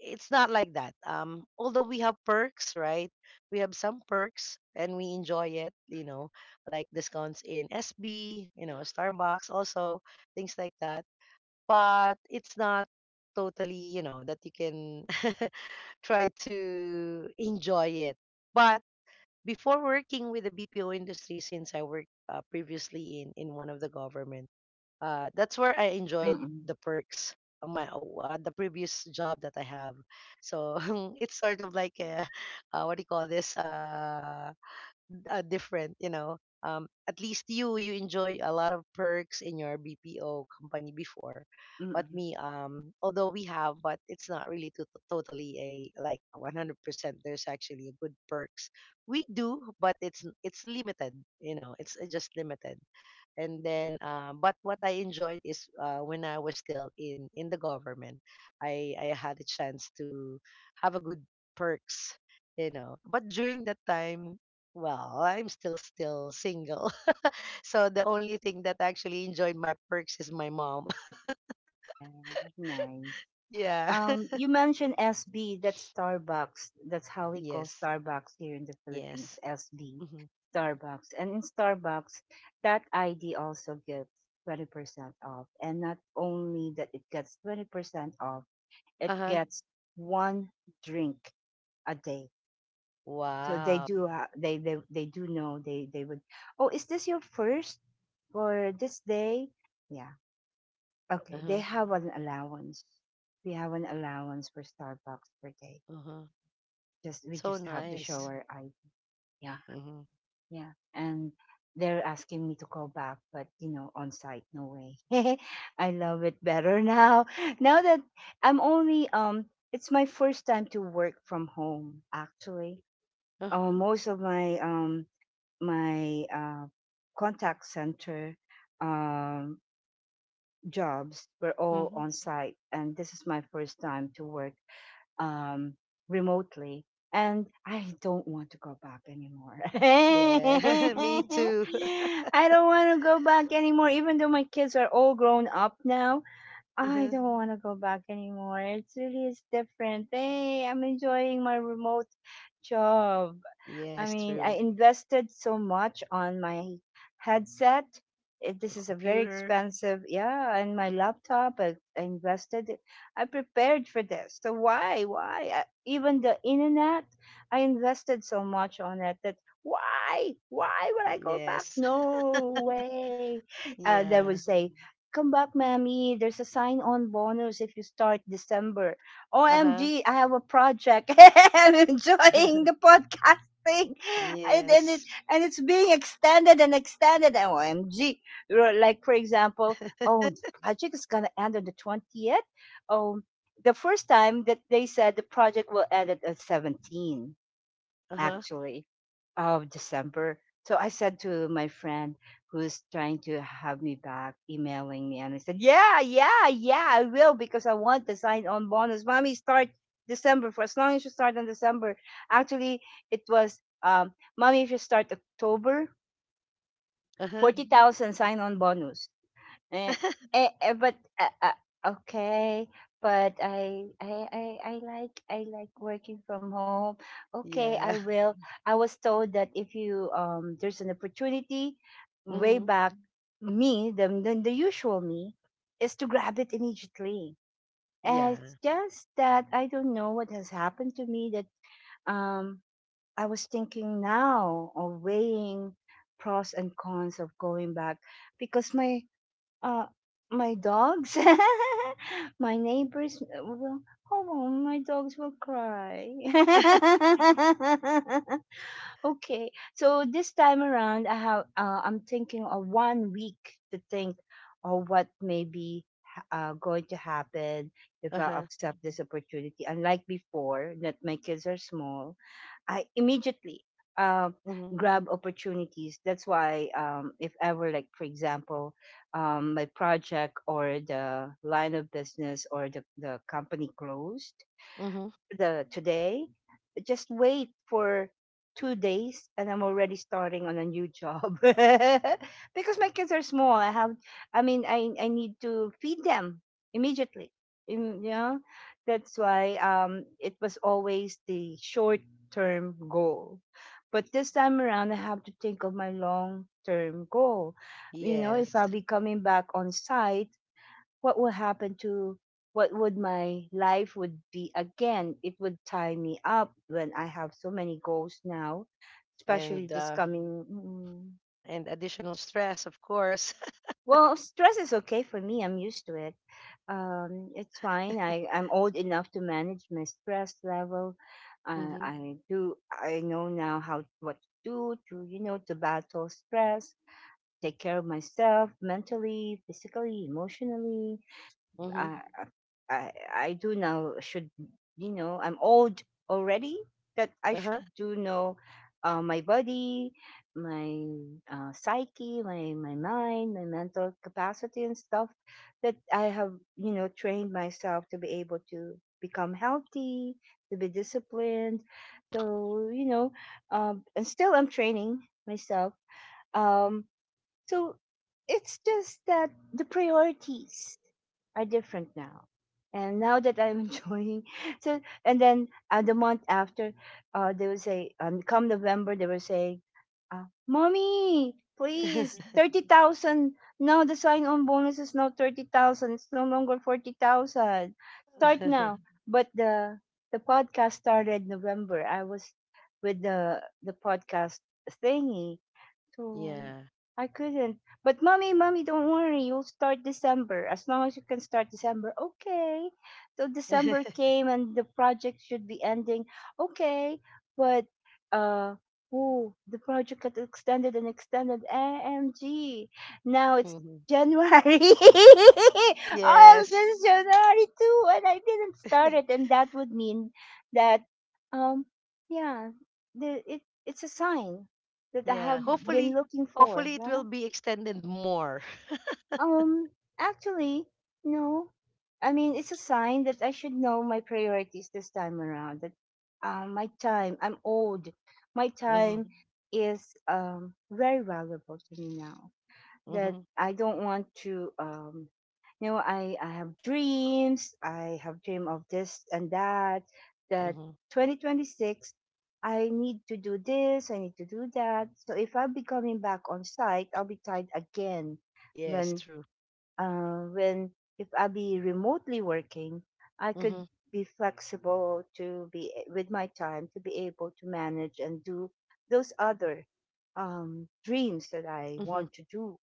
S2: it's not like that. Although we have perks, right? We have some perks and we enjoy it, you know, like discounts in SB, you know, Starbucks, also things like that. But it's not totally, that you can try to enjoy it. But before working with the BPO industry, since I worked previously in one of the government, that's where I enjoyed
S1: mm-mm,
S2: the perks of the previous job that I have. So it's sort of like a, what do you call this? Different, you know. At least you enjoy a lot of perks in your BPO company before, but
S1: mm-mm.
S2: me, although we have, but it's not really totally a like 100%. There's actually a good perks we do, but it's limited. You know, it's just limited. And then but what I enjoyed is when I was still in the government, i had a chance to have a good perks, you know, but during that time, well, I'm still single. So the only thing that actually enjoyed my perks is my mom.
S1: Yeah, nice.
S2: Yeah.
S1: You mentioned SB, that's Starbucks. That's how we call
S2: Yes.
S1: Starbucks here in the Philippines,
S2: Yes.
S1: SB,
S2: Hmm.
S1: Starbucks. And in Starbucks, that ID also gets 20% off. And not only that it gets 20% off, it
S2: Uh-huh.
S1: gets one drink a day. So they
S2: Wow.
S1: do, they do know they would, oh, is this your first for this day? Yeah. Okay. They
S2: Uh-huh.
S1: have an allowance. We have an allowance for Starbucks per day.
S2: Uh-huh.
S1: Just we
S2: So
S1: just have the
S2: nice.
S1: shower. I, yeah,
S2: Mm-hmm.
S1: yeah, and they're asking me to call back, but you know, on site, no way. I love it better now that I'm only it's my first time to work from home, actually.
S2: Uh-huh.
S1: Most of my my uh, contact center um jobs were all
S2: Mm-hmm.
S1: on site, and this is my first time to work um, remotely. And I don't want to go back anymore.
S2: Yeah. Me
S1: I
S2: too.
S1: don't want to go back anymore. Even though my kids are all grown up now, I
S2: Uh-huh.
S1: don't want to go back anymore. It's really is different. Hey, I'm enjoying my remote job. I
S2: Yes,
S1: mean, I
S2: true.
S1: invested so much on my headset. This
S2: Yung
S1: is a very
S2: computer.
S1: expensive, yeah, and my laptop. I invested. I prepared for this. So why, why? Even the internet, I invested so much on it that why would I go back?
S2: Yes.
S1: No way. They would
S2: Yeah.
S1: say, "Come back, mammy. There's a sign-on bonus if you start December."
S2: Uh-huh.
S1: OMG, I have a project. I'm enjoying the podcast thing. And, and it
S2: Yes.
S1: and it's being extended and extended. OMG. Like for example, oh, the project is gonna end on the 20th. Oh, the first time that they said the project will end at 17
S2: Uh-huh.
S1: actually of December. So I said to my friend who's trying to have me back, emailing me, and I said, yeah, yeah, yeah, I will because I want the sign on bonus. Mommy, start December for as long as you start on December. Actually, it was, mommy, if you start October,
S2: Uh-huh.
S1: 40,000 sign on bonus. Eh, but okay, but I like working from home. Okay, I
S2: Yeah.
S1: will. I was told that if you there's an opportunity, way
S2: Mm-hmm.
S1: back, me the usual me is to grab it immediately. And it's
S2: Yeah.
S1: just that I don't know what has happened to me that um I was thinking now or weighing pros and cons of going back because uh, my dogs, my neighbors will. Hold on, my dogs will cry. Okay, so this time around, I have. I'm thinking of 1 week to think of what may be going to happen if I
S2: Uh-huh.
S1: accept this opportunity. Unlike before, that my kids are small, I immediately uh,
S2: Mm-hmm.
S1: grab opportunities. That's why, if ever, like for example, my project or the line of business or the company closed,
S2: Mm-hmm.
S1: the today. Just wait for 2 days, and I'm already starting on a new job because my kids are small. I have, I mean, I need to feed them immediately. You know, that's why it was always the short term goal. But this time around, I have to think of my long term goal. You know, if
S2: Yes.
S1: I'll be coming back on site, what will happen to, what would my life would be again, it would tie me up when I have so many goals now, especially
S2: And
S1: this
S2: uh
S1: coming mm.
S2: and additional stress, of course.
S1: Well, stress is okay for me. I'm used to it. It's fine. I'm old enough to manage my stress level.
S2: Mm-hmm.
S1: I know now how what to do to, to battle stress, take care of myself mentally, physically, emotionally.
S2: Mm-hmm.
S1: uh, I do now should, you know, I'm old already, that I should
S2: Uh-huh.
S1: do know, my body, my psyche, my mind, my mental capacity and stuff that I have, you know, trained myself to be able to become healthy, to be disciplined. So you know, and still I'm training myself. Um, so it's just that the priorities are different now. And now that I'm enjoying, so and then the month after, they will say, come November, they will say, "Mommy, please, 30,000. Now the sign-on bonus is now 30,000. It's no longer 40,000. Start now." But the podcast started November. I was with the podcast thingy, so
S2: Yeah.
S1: I couldn't. But mommy, mommy, don't worry. You'll start December as long as you can start December. Okay. So December came and the project should be ending. Okay, but uh. Oh, the project got extended and extended. AMG. Now it's
S2: Mm-hmm.
S1: January. Oh, I'm
S2: Yes.
S1: just January too, and I didn't start it. And that would mean that, um, yeah, it's a sign that I have
S2: Yeah.
S1: been
S2: Hopefully
S1: looking for?
S2: hopefully it will
S1: Well,
S2: be extended more.
S1: um, actually, no. I mean, it's a sign that I should know my priorities this time around. That my time, I'm old. My
S2: Mm-hmm.
S1: time is very valuable to me now that
S2: Mm-hmm.
S1: I don't want to, you know, I have dreams, I have dream of this and that, that
S2: Mm-hmm.
S1: 2026 I need to do this, I need to do that. So if I'll be coming back on site, I'll be tied again
S2: Yes,
S1: when
S2: true.
S1: when if I'll be remotely working, I could
S2: Mm-hmm.
S1: be flexible to be, with my time to be able to manage and do those other, dreams that I
S2: Mm-hmm.
S1: want to do.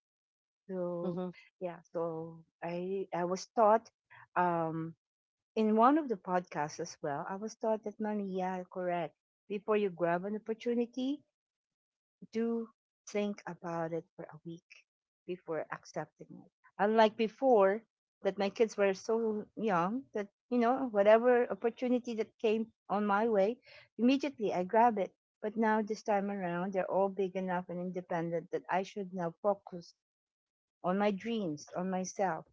S1: So
S2: Mm-hmm.
S1: yeah, so I was taught um in one of the podcasts as well, I was taught that money, yeah, correct. Before you grab an opportunity, do think about it for a week before accepting it. Unlike before that my kids were so young that, you know, whatever opportunity that came on my way, immediately I grab it. But now this time around they're all big enough and independent that I should now focus on my dreams, on myself.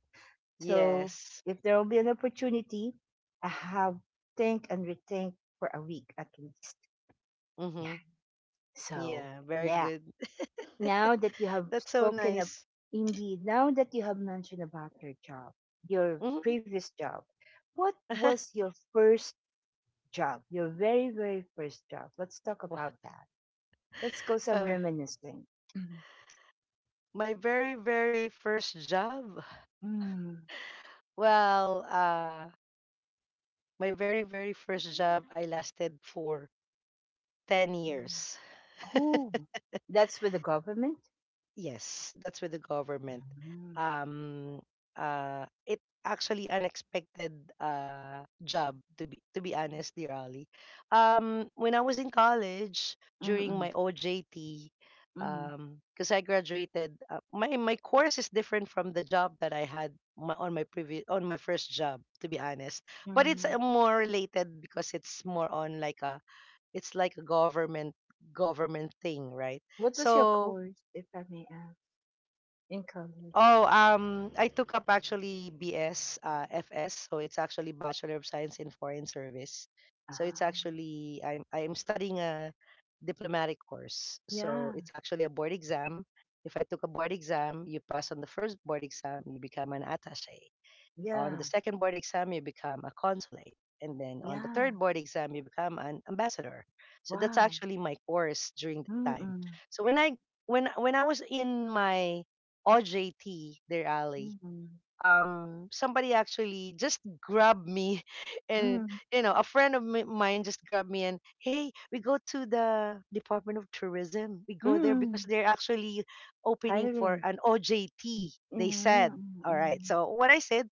S1: So
S2: Yes.
S1: if there will be an opportunity, I have think and rethink for a week at least.
S2: Mm-hmm.
S1: Yeah. So
S2: Yeah, very
S1: yeah.
S2: good.
S1: Now that you have
S2: That's so
S1: spoken of
S2: nice.
S1: Now that you have mentioned about your job, your
S2: Mm-hmm.
S1: previous job, what was your first job? Your very, very first job. Let's talk
S2: Wha-
S1: about that. Let's go some
S2: uh,
S1: reminiscing. Mm.
S2: my very, very first job.
S1: Mm.
S2: Well, my very, very first job, I lasted for 10 years.
S1: Oh, that's with the government?
S2: Yes, that's with the government.
S1: Mm.
S2: Um, it actually unexpected job to be honest, dear Ali. When I was in college during
S1: Mm,
S2: my OJT,
S1: mm.
S2: because I graduated, my my course is different from the job that I had my, on my previous on my first job, to be honest. But it's
S1: Hmm.
S2: more related because it's more on like a it's like a government thing, right?
S1: What was your
S2: So
S1: course, if I may ask, in college?
S2: Oh, I took up actually BS, FS, so it's actually Bachelor of Science in Foreign Service. So it's
S1: Ah,
S2: actually I'm studying a diplomatic course. So
S1: yeah,
S2: it's actually a board exam. If I took a board exam, you pass on the first board exam, you become an attaché. On
S1: yeah,
S2: the second board exam, you become a consulate. And then on the
S1: yeah.
S2: third board exam, you become an ambassador. So that's
S1: Wow.
S2: actually my course during the time.
S1: Mm-mm,
S2: So when I was in my OJT there, Ali,
S1: mm-mm,
S2: somebody actually just grabbed me, and
S1: mm,
S2: you know, a friend of mine just grabbed me and hey, we go to the Department of Tourism. We go there because
S1: mm.
S2: they're actually opening for
S1: Hiring.
S2: an OJT.
S1: Mm,
S2: They said,
S1: mm,
S2: all right.
S1: mm,
S2: So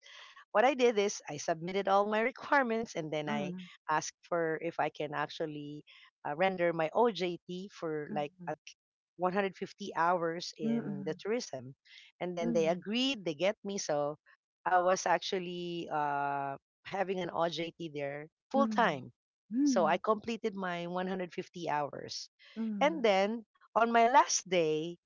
S2: what I did is I submitted all my requirements and then I
S1: mm,
S2: asked for if I can actually render my OJT for like
S1: mm,
S2: 150 hours in the
S1: mm,
S2: tourism. And then they
S1: mm,
S2: agreed, they get me. So I was actually having an OJT there full
S1: mm,
S2: time. So
S1: mm,
S2: I completed my 150 hours.
S1: mm,
S2: And then on my last day,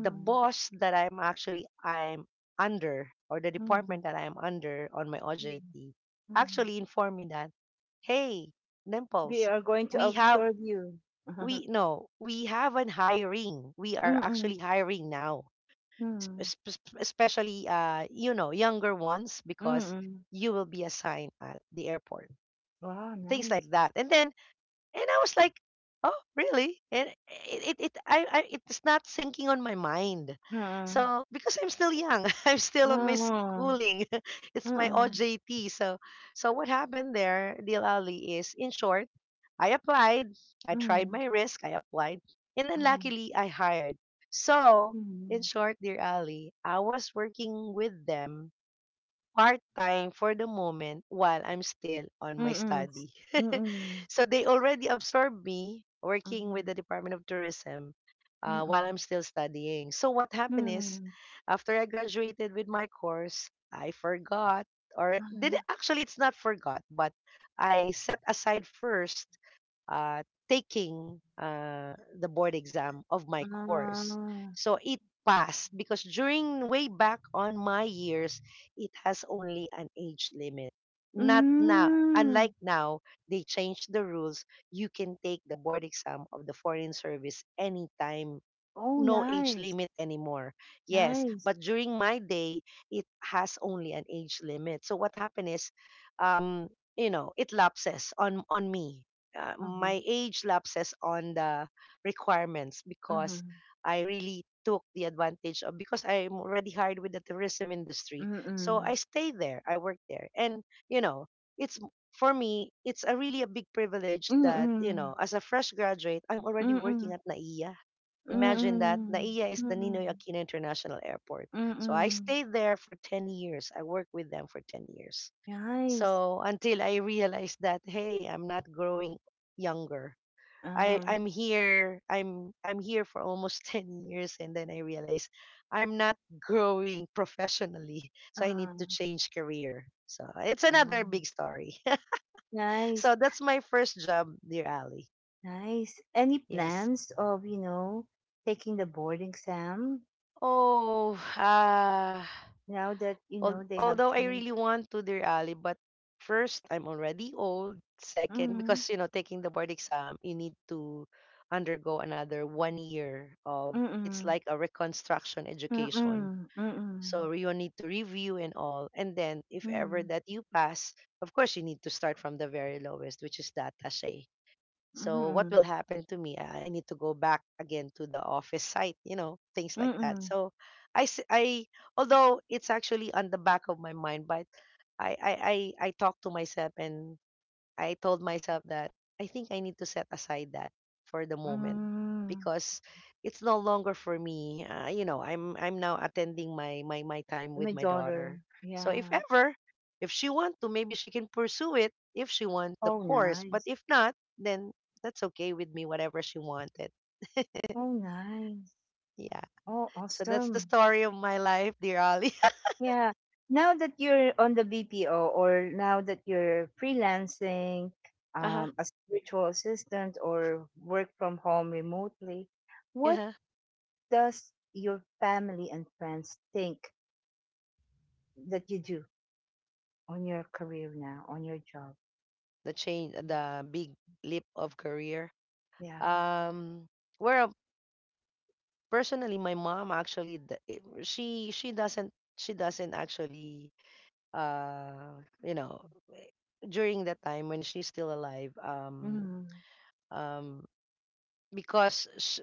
S2: the boss that I'm under or the
S1: mm,
S2: department that I'm under on my OJT
S1: mm.
S2: actually informed me that, hey,
S1: We
S2: Dimples,
S1: are going to
S2: we have
S1: absorb you.
S2: we no we have an hiring, we are
S1: Mm-mm,
S2: actually hiring now,
S1: mm,
S2: especially you know younger ones
S1: mm,
S2: because
S1: mm.
S2: you will be assigned at the airport,
S1: Wow,
S2: things like that. And then and I was like, oh really? And I it's not sinking on my mind
S1: nice.
S2: so because I'm still young. I'm still on my
S1: Oo,
S2: schooling. It's my
S1: mm,
S2: ojt. So so what happened there, Dilali? Is in short, I applied, I tried
S1: hmm,
S2: my risk, I applied, and then
S1: mhm,
S2: luckily I hired. So in
S1: mhm,
S2: short, dear Ali, I was working with them part time for the moment while I'm still on my
S1: mm, s
S2: study.
S1: mm,
S2: So they already absorbed me working with the Department of Tourism while
S1: mhm,
S2: I'm still studying. So what
S1: mm,
S2: happened is,
S1: hmm,
S2: after I graduated with my course, I forgot or did
S1: ah,
S2: actually it's not forgot, but I set aside first uh, taking the board exam of my
S1: ah,
S2: course. So it passed because during way back on my years, it has only an age limit. Not now,
S1: hmm,
S2: unlike now, they changed the rules. You can take the board exam of the foreign service anytime,
S1: oh,
S2: no age
S1: nice,
S2: limit anymore. Yes,
S1: nice.
S2: but during my day, it has only an age limit. So what happened is, um, you know, it lapses on me.
S1: Uh
S2: My age lapses on the requirements
S1: Uh huh. huh.
S2: because I really took the advantage of because I'm already hired with the tourism industry. So
S1: Mhm,
S2: I stay there. I work there, and you know, it's for me, it's a really a big privilege that you
S1: mhm,
S2: know, as a fresh graduate, I'm
S1: mm,
S2: already
S1: mm,
S2: working at Naia.
S1: mm,
S2: Imagine that.
S1: mm,
S2: NAIA
S1: mm, ah, mm. Oh, nice, nice. Uh-huh, uh-huh. Mm-mm, mm-mm, mm-mm,
S2: is
S1: mm-mm,
S2: the Ninoy
S1: mm-mm,
S2: Aquino International Airport. So I
S1: mm-mm.
S2: stayed there for 10 years. I worked with them for 10 years.
S1: Nice.
S2: So until I realized that, hey, I'm not growing younger.
S1: Um,
S2: I'm here for almost 10 years, and then I realized I'm not growing professionally. So I need to
S1: um,
S2: change career. So it's another
S1: um,
S2: big story.
S1: nice.
S2: So that's my first job, dear Ali.
S1: Nice. Any
S2: Yes.
S1: plans of, taking the board exam
S2: Oh,
S1: now that, you know, they have
S2: Although I
S1: changed?
S2: really want to, dear Ali, but first, I'm already old. Second, because,
S1: Mm-mm.
S2: you know, taking the board exam, you need to undergo another one year of, it's
S1: Mm-mm.
S2: like a reconstruction education.
S1: Mm-mm. Mm-mm.
S2: So you need to review and all. And then, if ever
S1: Mm-mm.
S2: that you pass, of course, you need to start from the very lowest, which is the attache. So what will
S1: Mm-mm.
S2: happen to me? I need to go back again to the office site, you know, things like that.
S1: Mm-mm.
S2: So I, s- I- although it's actually on the back of my mind, but I, I, I talk to myself and I told myself that I think I need to set aside that for the moment
S1: Mm-mm.
S2: because it's no longer for me. You know, I'm now attending my time with
S1: My
S2: my daughter.
S1: daughter.
S2: So if
S1: Yeah.
S2: ever if she want to, maybe she can pursue it if she want the
S1: Oh,
S2: course. But
S1: nice.
S2: if not, then that's okay with me. Whatever she wanted.
S1: Oh, nice.
S2: Yeah.
S1: Oh,
S2: So that's the
S1: awesome.
S2: story of my life, dear Ali.
S1: Yeah. Now that you're on the BPO or now that you're freelancing,
S2: Uh huh.
S1: as a virtual assistant or work from home remotely, what
S2: Yeah.
S1: does your family and friends think that you do on your career now, on your job?
S2: The change, the big leap of career.
S1: Yeah.
S2: Um, where personally my mom actually she doesn't actually you know eh, during that time when she's still alive
S1: Mm,
S2: um because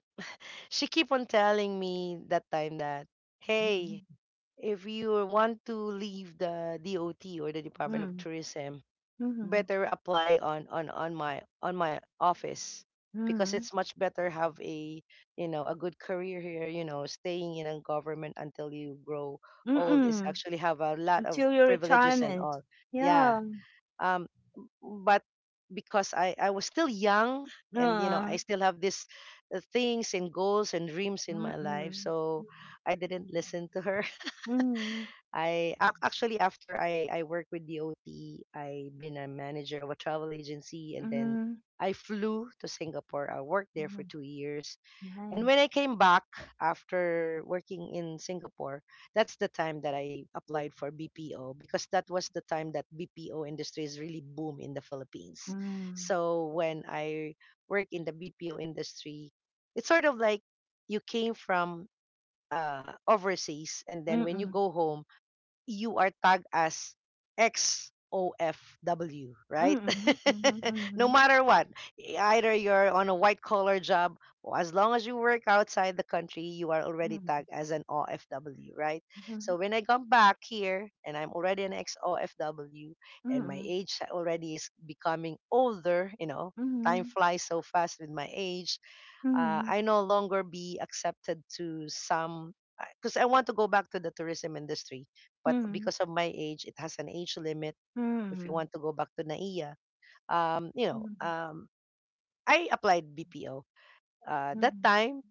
S2: she keep on telling me that time that hey,
S1: mm,
S2: if you want to leave the DOT or the Department of
S1: mm,
S2: Tourism,
S1: mm,
S2: better apply on my office because it's
S1: mm,
S2: much better have a you know a good career here, you know, staying in a government until you grow old is
S1: mm.
S2: actually have a lot of
S1: Until your
S2: privileges and all.
S1: retirement.
S2: Yeah.
S1: Yeah.
S2: Um, but because i was still young and you know I
S1: Uh,
S2: still have this things and goals and dreams in my
S1: mm,
S2: life,
S1: mm,
S2: so I didn't listen to her.
S1: mm,
S2: I actually after I work with DOT, I been a manager of a travel agency, and then
S1: mm.
S2: I flew to Singapore. I worked there for
S1: Hmm.
S2: 2 years, and when
S1: Nice.
S2: I came back after working in Singapore, that's the time that I applied for BPO because that was the time that BPO industry is really boom in the Philippines.
S1: Mm.
S2: So when I work in the BPO industry, it's sort of like you came from overseas, and then when you
S1: Mm-mm.
S2: go home, you are tagged as XOFW, right?
S1: Mm-mm.
S2: No
S1: Mhm,
S2: matter what, either you're on a white collar job or as long as you work outside the country, you are already tagged as an OFW, right? So when I come back here and I'm already an XOFW and my age already is becoming older, you know,
S1: mhm, mhm,
S2: time
S1: mhm,
S2: flies so fast with my age,
S1: mhm,
S2: I no longer be accepted to some because I want to go back to the tourism industry, but
S1: mhm, mhm,
S2: because of my age, it has an age limit.
S1: mhm,
S2: If you
S1: mhm,
S2: want to go back to NAIA, you know,
S1: mhm,
S2: I applied BPO. That
S1: mhm,
S2: time,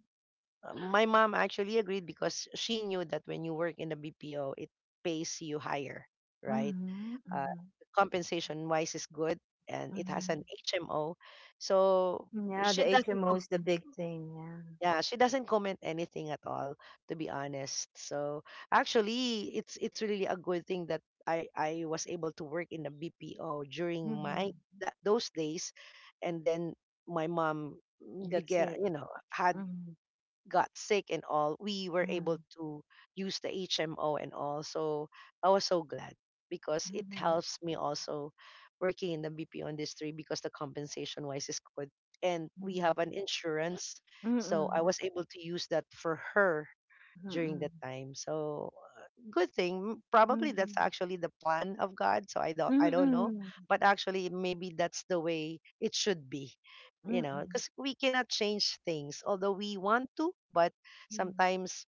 S2: my mom actually agreed because she knew that when you work in the BPO, it pays you higher, right?
S1: mhm,
S2: Uh,
S1: mhm,
S2: Compensation wise is good, and it has an
S1: mhm.
S2: HMO, so
S1: Yeah,
S2: she
S1: the
S2: doesn't.
S1: HMO is the big thing. Yeah.
S2: Yeah, she doesn't comment anything at all, to be honest. So actually, it's really a good thing that I was able to work in the BPO during my
S1: Mm-hmm.
S2: that those days, and then my mom
S1: That's it.
S2: had
S1: Mm-hmm.
S2: got sick and all, we were able to use the HMO and all. So I was so glad because it
S1: Mm-hmm.
S2: helps me also working in the BPO industry because the compensation wise is good. And we
S1: Mm-hmm.
S2: have an insurance. So I
S1: Mm-hmm.
S2: was able to use that for her during
S1: Mm-hmm.
S2: that time. So good thing. Probably that's
S1: Mm-hmm.
S2: actually the plan of God. So I don't know,
S1: Mm-hmm.
S2: but actually maybe that's the way it should be. You know,
S1: Mm-hmm.
S2: because we cannot change things, although we want to, but sometimes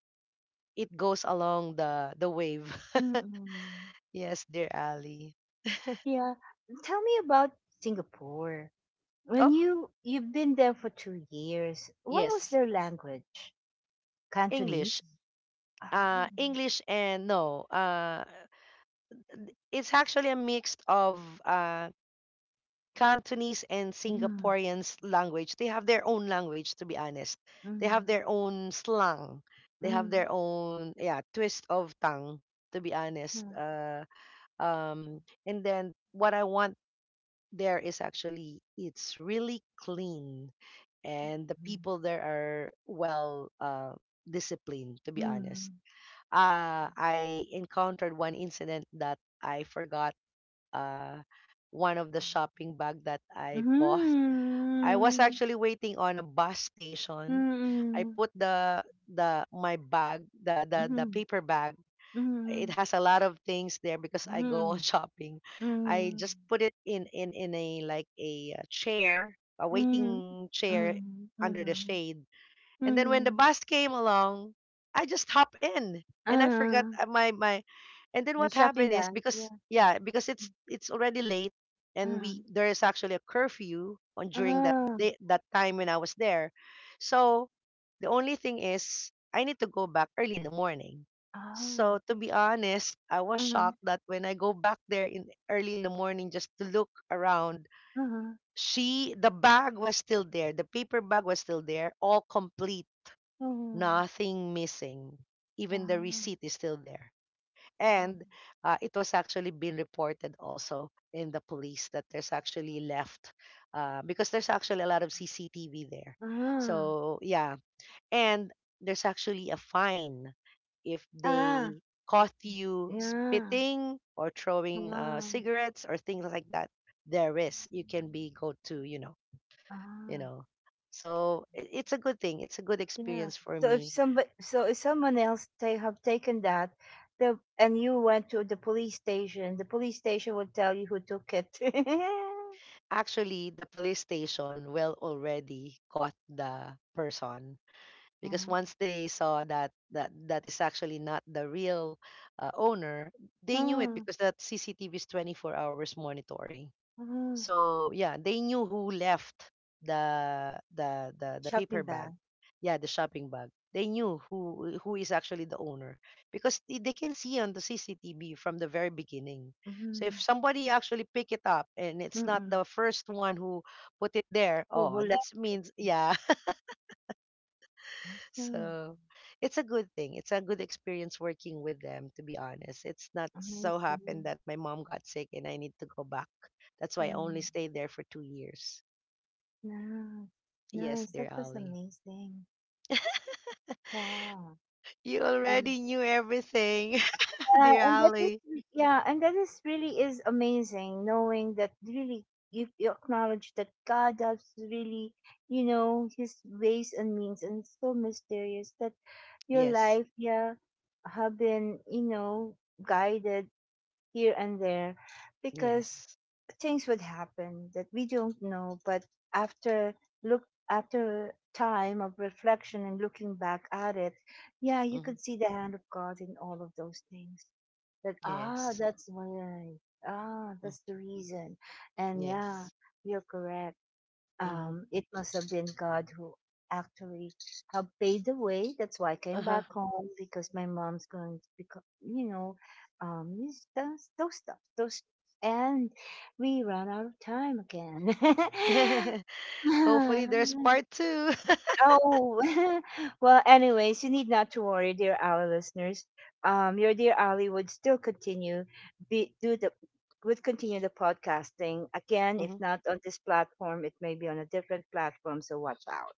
S2: it goes along the wave.
S1: Mm-hmm.
S2: Yes, dear Ali.
S1: Yeah. Tell me about Singapore.
S2: Oh,
S1: When you've been there for 2 years, what was
S2: yes,
S1: their language?
S2: English.
S1: Cantonese. Oh.
S2: English and no. It's actually a mix of uh Cantonese and
S1: Mm,
S2: Singaporeans language. They have their own language, to be honest. They have
S1: mm,
S2: their own slang. They have
S1: mm,
S2: their own, yeah, twist of tongue, to be honest.
S1: mm,
S2: And then what I want there is actually it's really clean, and the people there are well disciplined, to be honest.
S1: mm,
S2: I encountered one incident that I forgot uh one of the shopping bag that I bought.
S1: mm,
S2: I was actually waiting on a bus
S1: mm,
S2: station. I
S1: mm,
S2: put the my bag, the
S1: mm,
S2: paper bag. It
S1: mm,
S2: has a lot of things there because I go on shopping. I
S1: mm,
S2: just put it in a like a chair, a
S1: mm,
S2: waiting chair
S1: mm,
S2: under the
S1: mm,
S2: shade. And then when the
S1: mm.
S2: bus came along, I just hop in and I forgot
S1: Ah,
S2: my my and then
S1: May
S2: what
S1: shopping
S2: happened is,
S1: bag.
S2: because
S1: Yeah.
S2: yeah, because it's already late, and
S1: Ah,
S2: we there is actually a curfew on during that
S1: ah,
S2: day, that time when I was there. So the only thing is I need to go back early in the morning.
S1: ah,
S2: So to be honest, I was
S1: ah,
S2: shocked that when I go back there in early in the morning just to look around, she the bag was still there, the paper bag was still there, all complete,
S1: ah,
S2: nothing missing. Even the
S1: ah,
S2: receipt is still there.
S1: ah.
S2: And it was actually been reported also in the police that there's actually left, because there's actually a lot of CCTV there.
S1: Ah,
S2: So, yeah. And there's actually a fine if
S1: ah,
S2: they caught you
S1: yeah,
S2: spitting or throwing
S1: ah!
S2: cigarettes or things like that. There is. You can be go to, you
S1: Ah,
S2: know. So it's a good thing. It's a good
S1: yeah.
S2: experience for
S1: So if
S2: me.
S1: somebody, so if someone else they have taken that, the and you went to the police station will tell you who took it.
S2: Actually, the police station will already caught the person because
S1: Mhm.
S2: once they saw that that is actually not the real owner. They knew it
S1: Mm,
S2: because that cctv is 24 hours monitoring.
S1: mhm.
S2: So yeah, they knew who left the
S1: Shopping
S2: paper bag.
S1: bag.
S2: Yeah, the shopping bag. They knew who is actually the owner because they can see on the CCTV from the very beginning. So
S1: Mm-hmm.
S2: if somebody actually pick it up and it's not
S1: Mm-mm.
S2: the first one who put it there,
S1: Who
S2: oh, that
S1: left it?
S2: means yeah.
S1: Awesome,
S2: So it's a good thing. It's a good experience working with them. To be honest, it's not so happened
S1: amazing.
S2: that my mom got sick and I need to go back. That's why I only
S1: Mm.
S2: stayed there for 2 years.
S1: Nice,
S2: Yes,
S1: nice. That
S2: dear
S1: was
S2: Ali.
S1: amazing. Wow.
S2: You
S1: And.
S2: already knew everything,
S1: Yeah,
S2: dear
S1: and that is,
S2: Ali.
S1: really is amazing, knowing that really, you acknowledge that God does really, you know, His ways and means, and it's so mysterious that your
S2: Yes,
S1: life, yeah, have been, guided here and there, because
S2: yes,
S1: things would happen that we don't know, but after, look after time of reflection and looking back at it, yeah, you could
S2: hmm
S1: see the hand of God in all of those things, that,
S2: yes,
S1: that's why,
S2: mm,
S1: that's the reason, and, yeah,
S2: yes.
S1: you're correct,
S2: hmm
S1: it must have been God who actually have paid the way. That's why I came back
S2: Uh-huh.
S1: home because my mom's going to become, you know, those stuff those, and we ran out of time again.
S2: Hopefully, there's part 2.
S1: Oh. Well, anyways, you need not to worry, dear our listeners. Your dear Ali would still continue, be, do the, would continue the podcasting again. If
S2: Mm-hmm.
S1: not on this platform, it may be on a different platform. So watch out.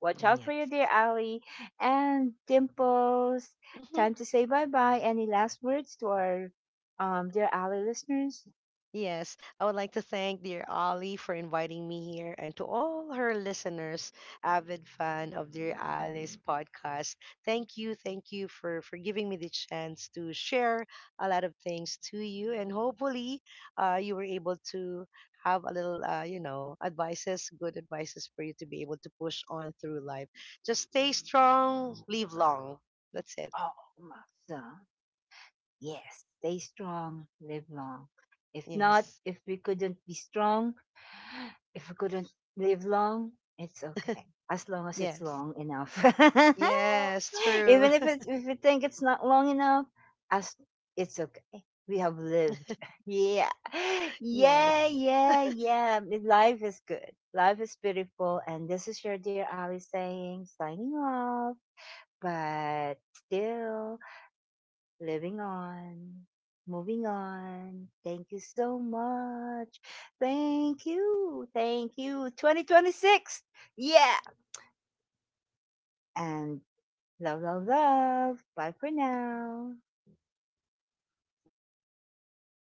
S1: Watch out for your
S2: Yes.
S1: dear Ali and Dimples. Time to say bye bye. Any last words to our, dear Ali listeners?
S2: Yes, I would like to thank dear Ali for inviting me here and to all her listeners, avid fan of Dear Ali's podcast. Thank you for giving me the chance to share a lot of things to you. And hopefully, you were able to have a little, advices, good advices for you to be able to push on through life. Just stay strong, live long. That's it.
S1: Oh, Masa. Yes, stay strong, live long. If not,
S2: Yes,
S1: if we couldn't be strong, if we couldn't live long, it's okay. As long as it's
S2: yes,
S1: long enough.
S2: yes, true.
S1: Even if you think it's not long enough, as it's okay. We have lived. Yeah. Yeah,
S2: yes.
S1: yeah, yeah. Life is good. Life is beautiful. And this is your dear Ali saying, signing off, but still living on, moving on. Thank you so much. Thank you. Thank you. 2026. Yeah. And love, love, love. Bye for now.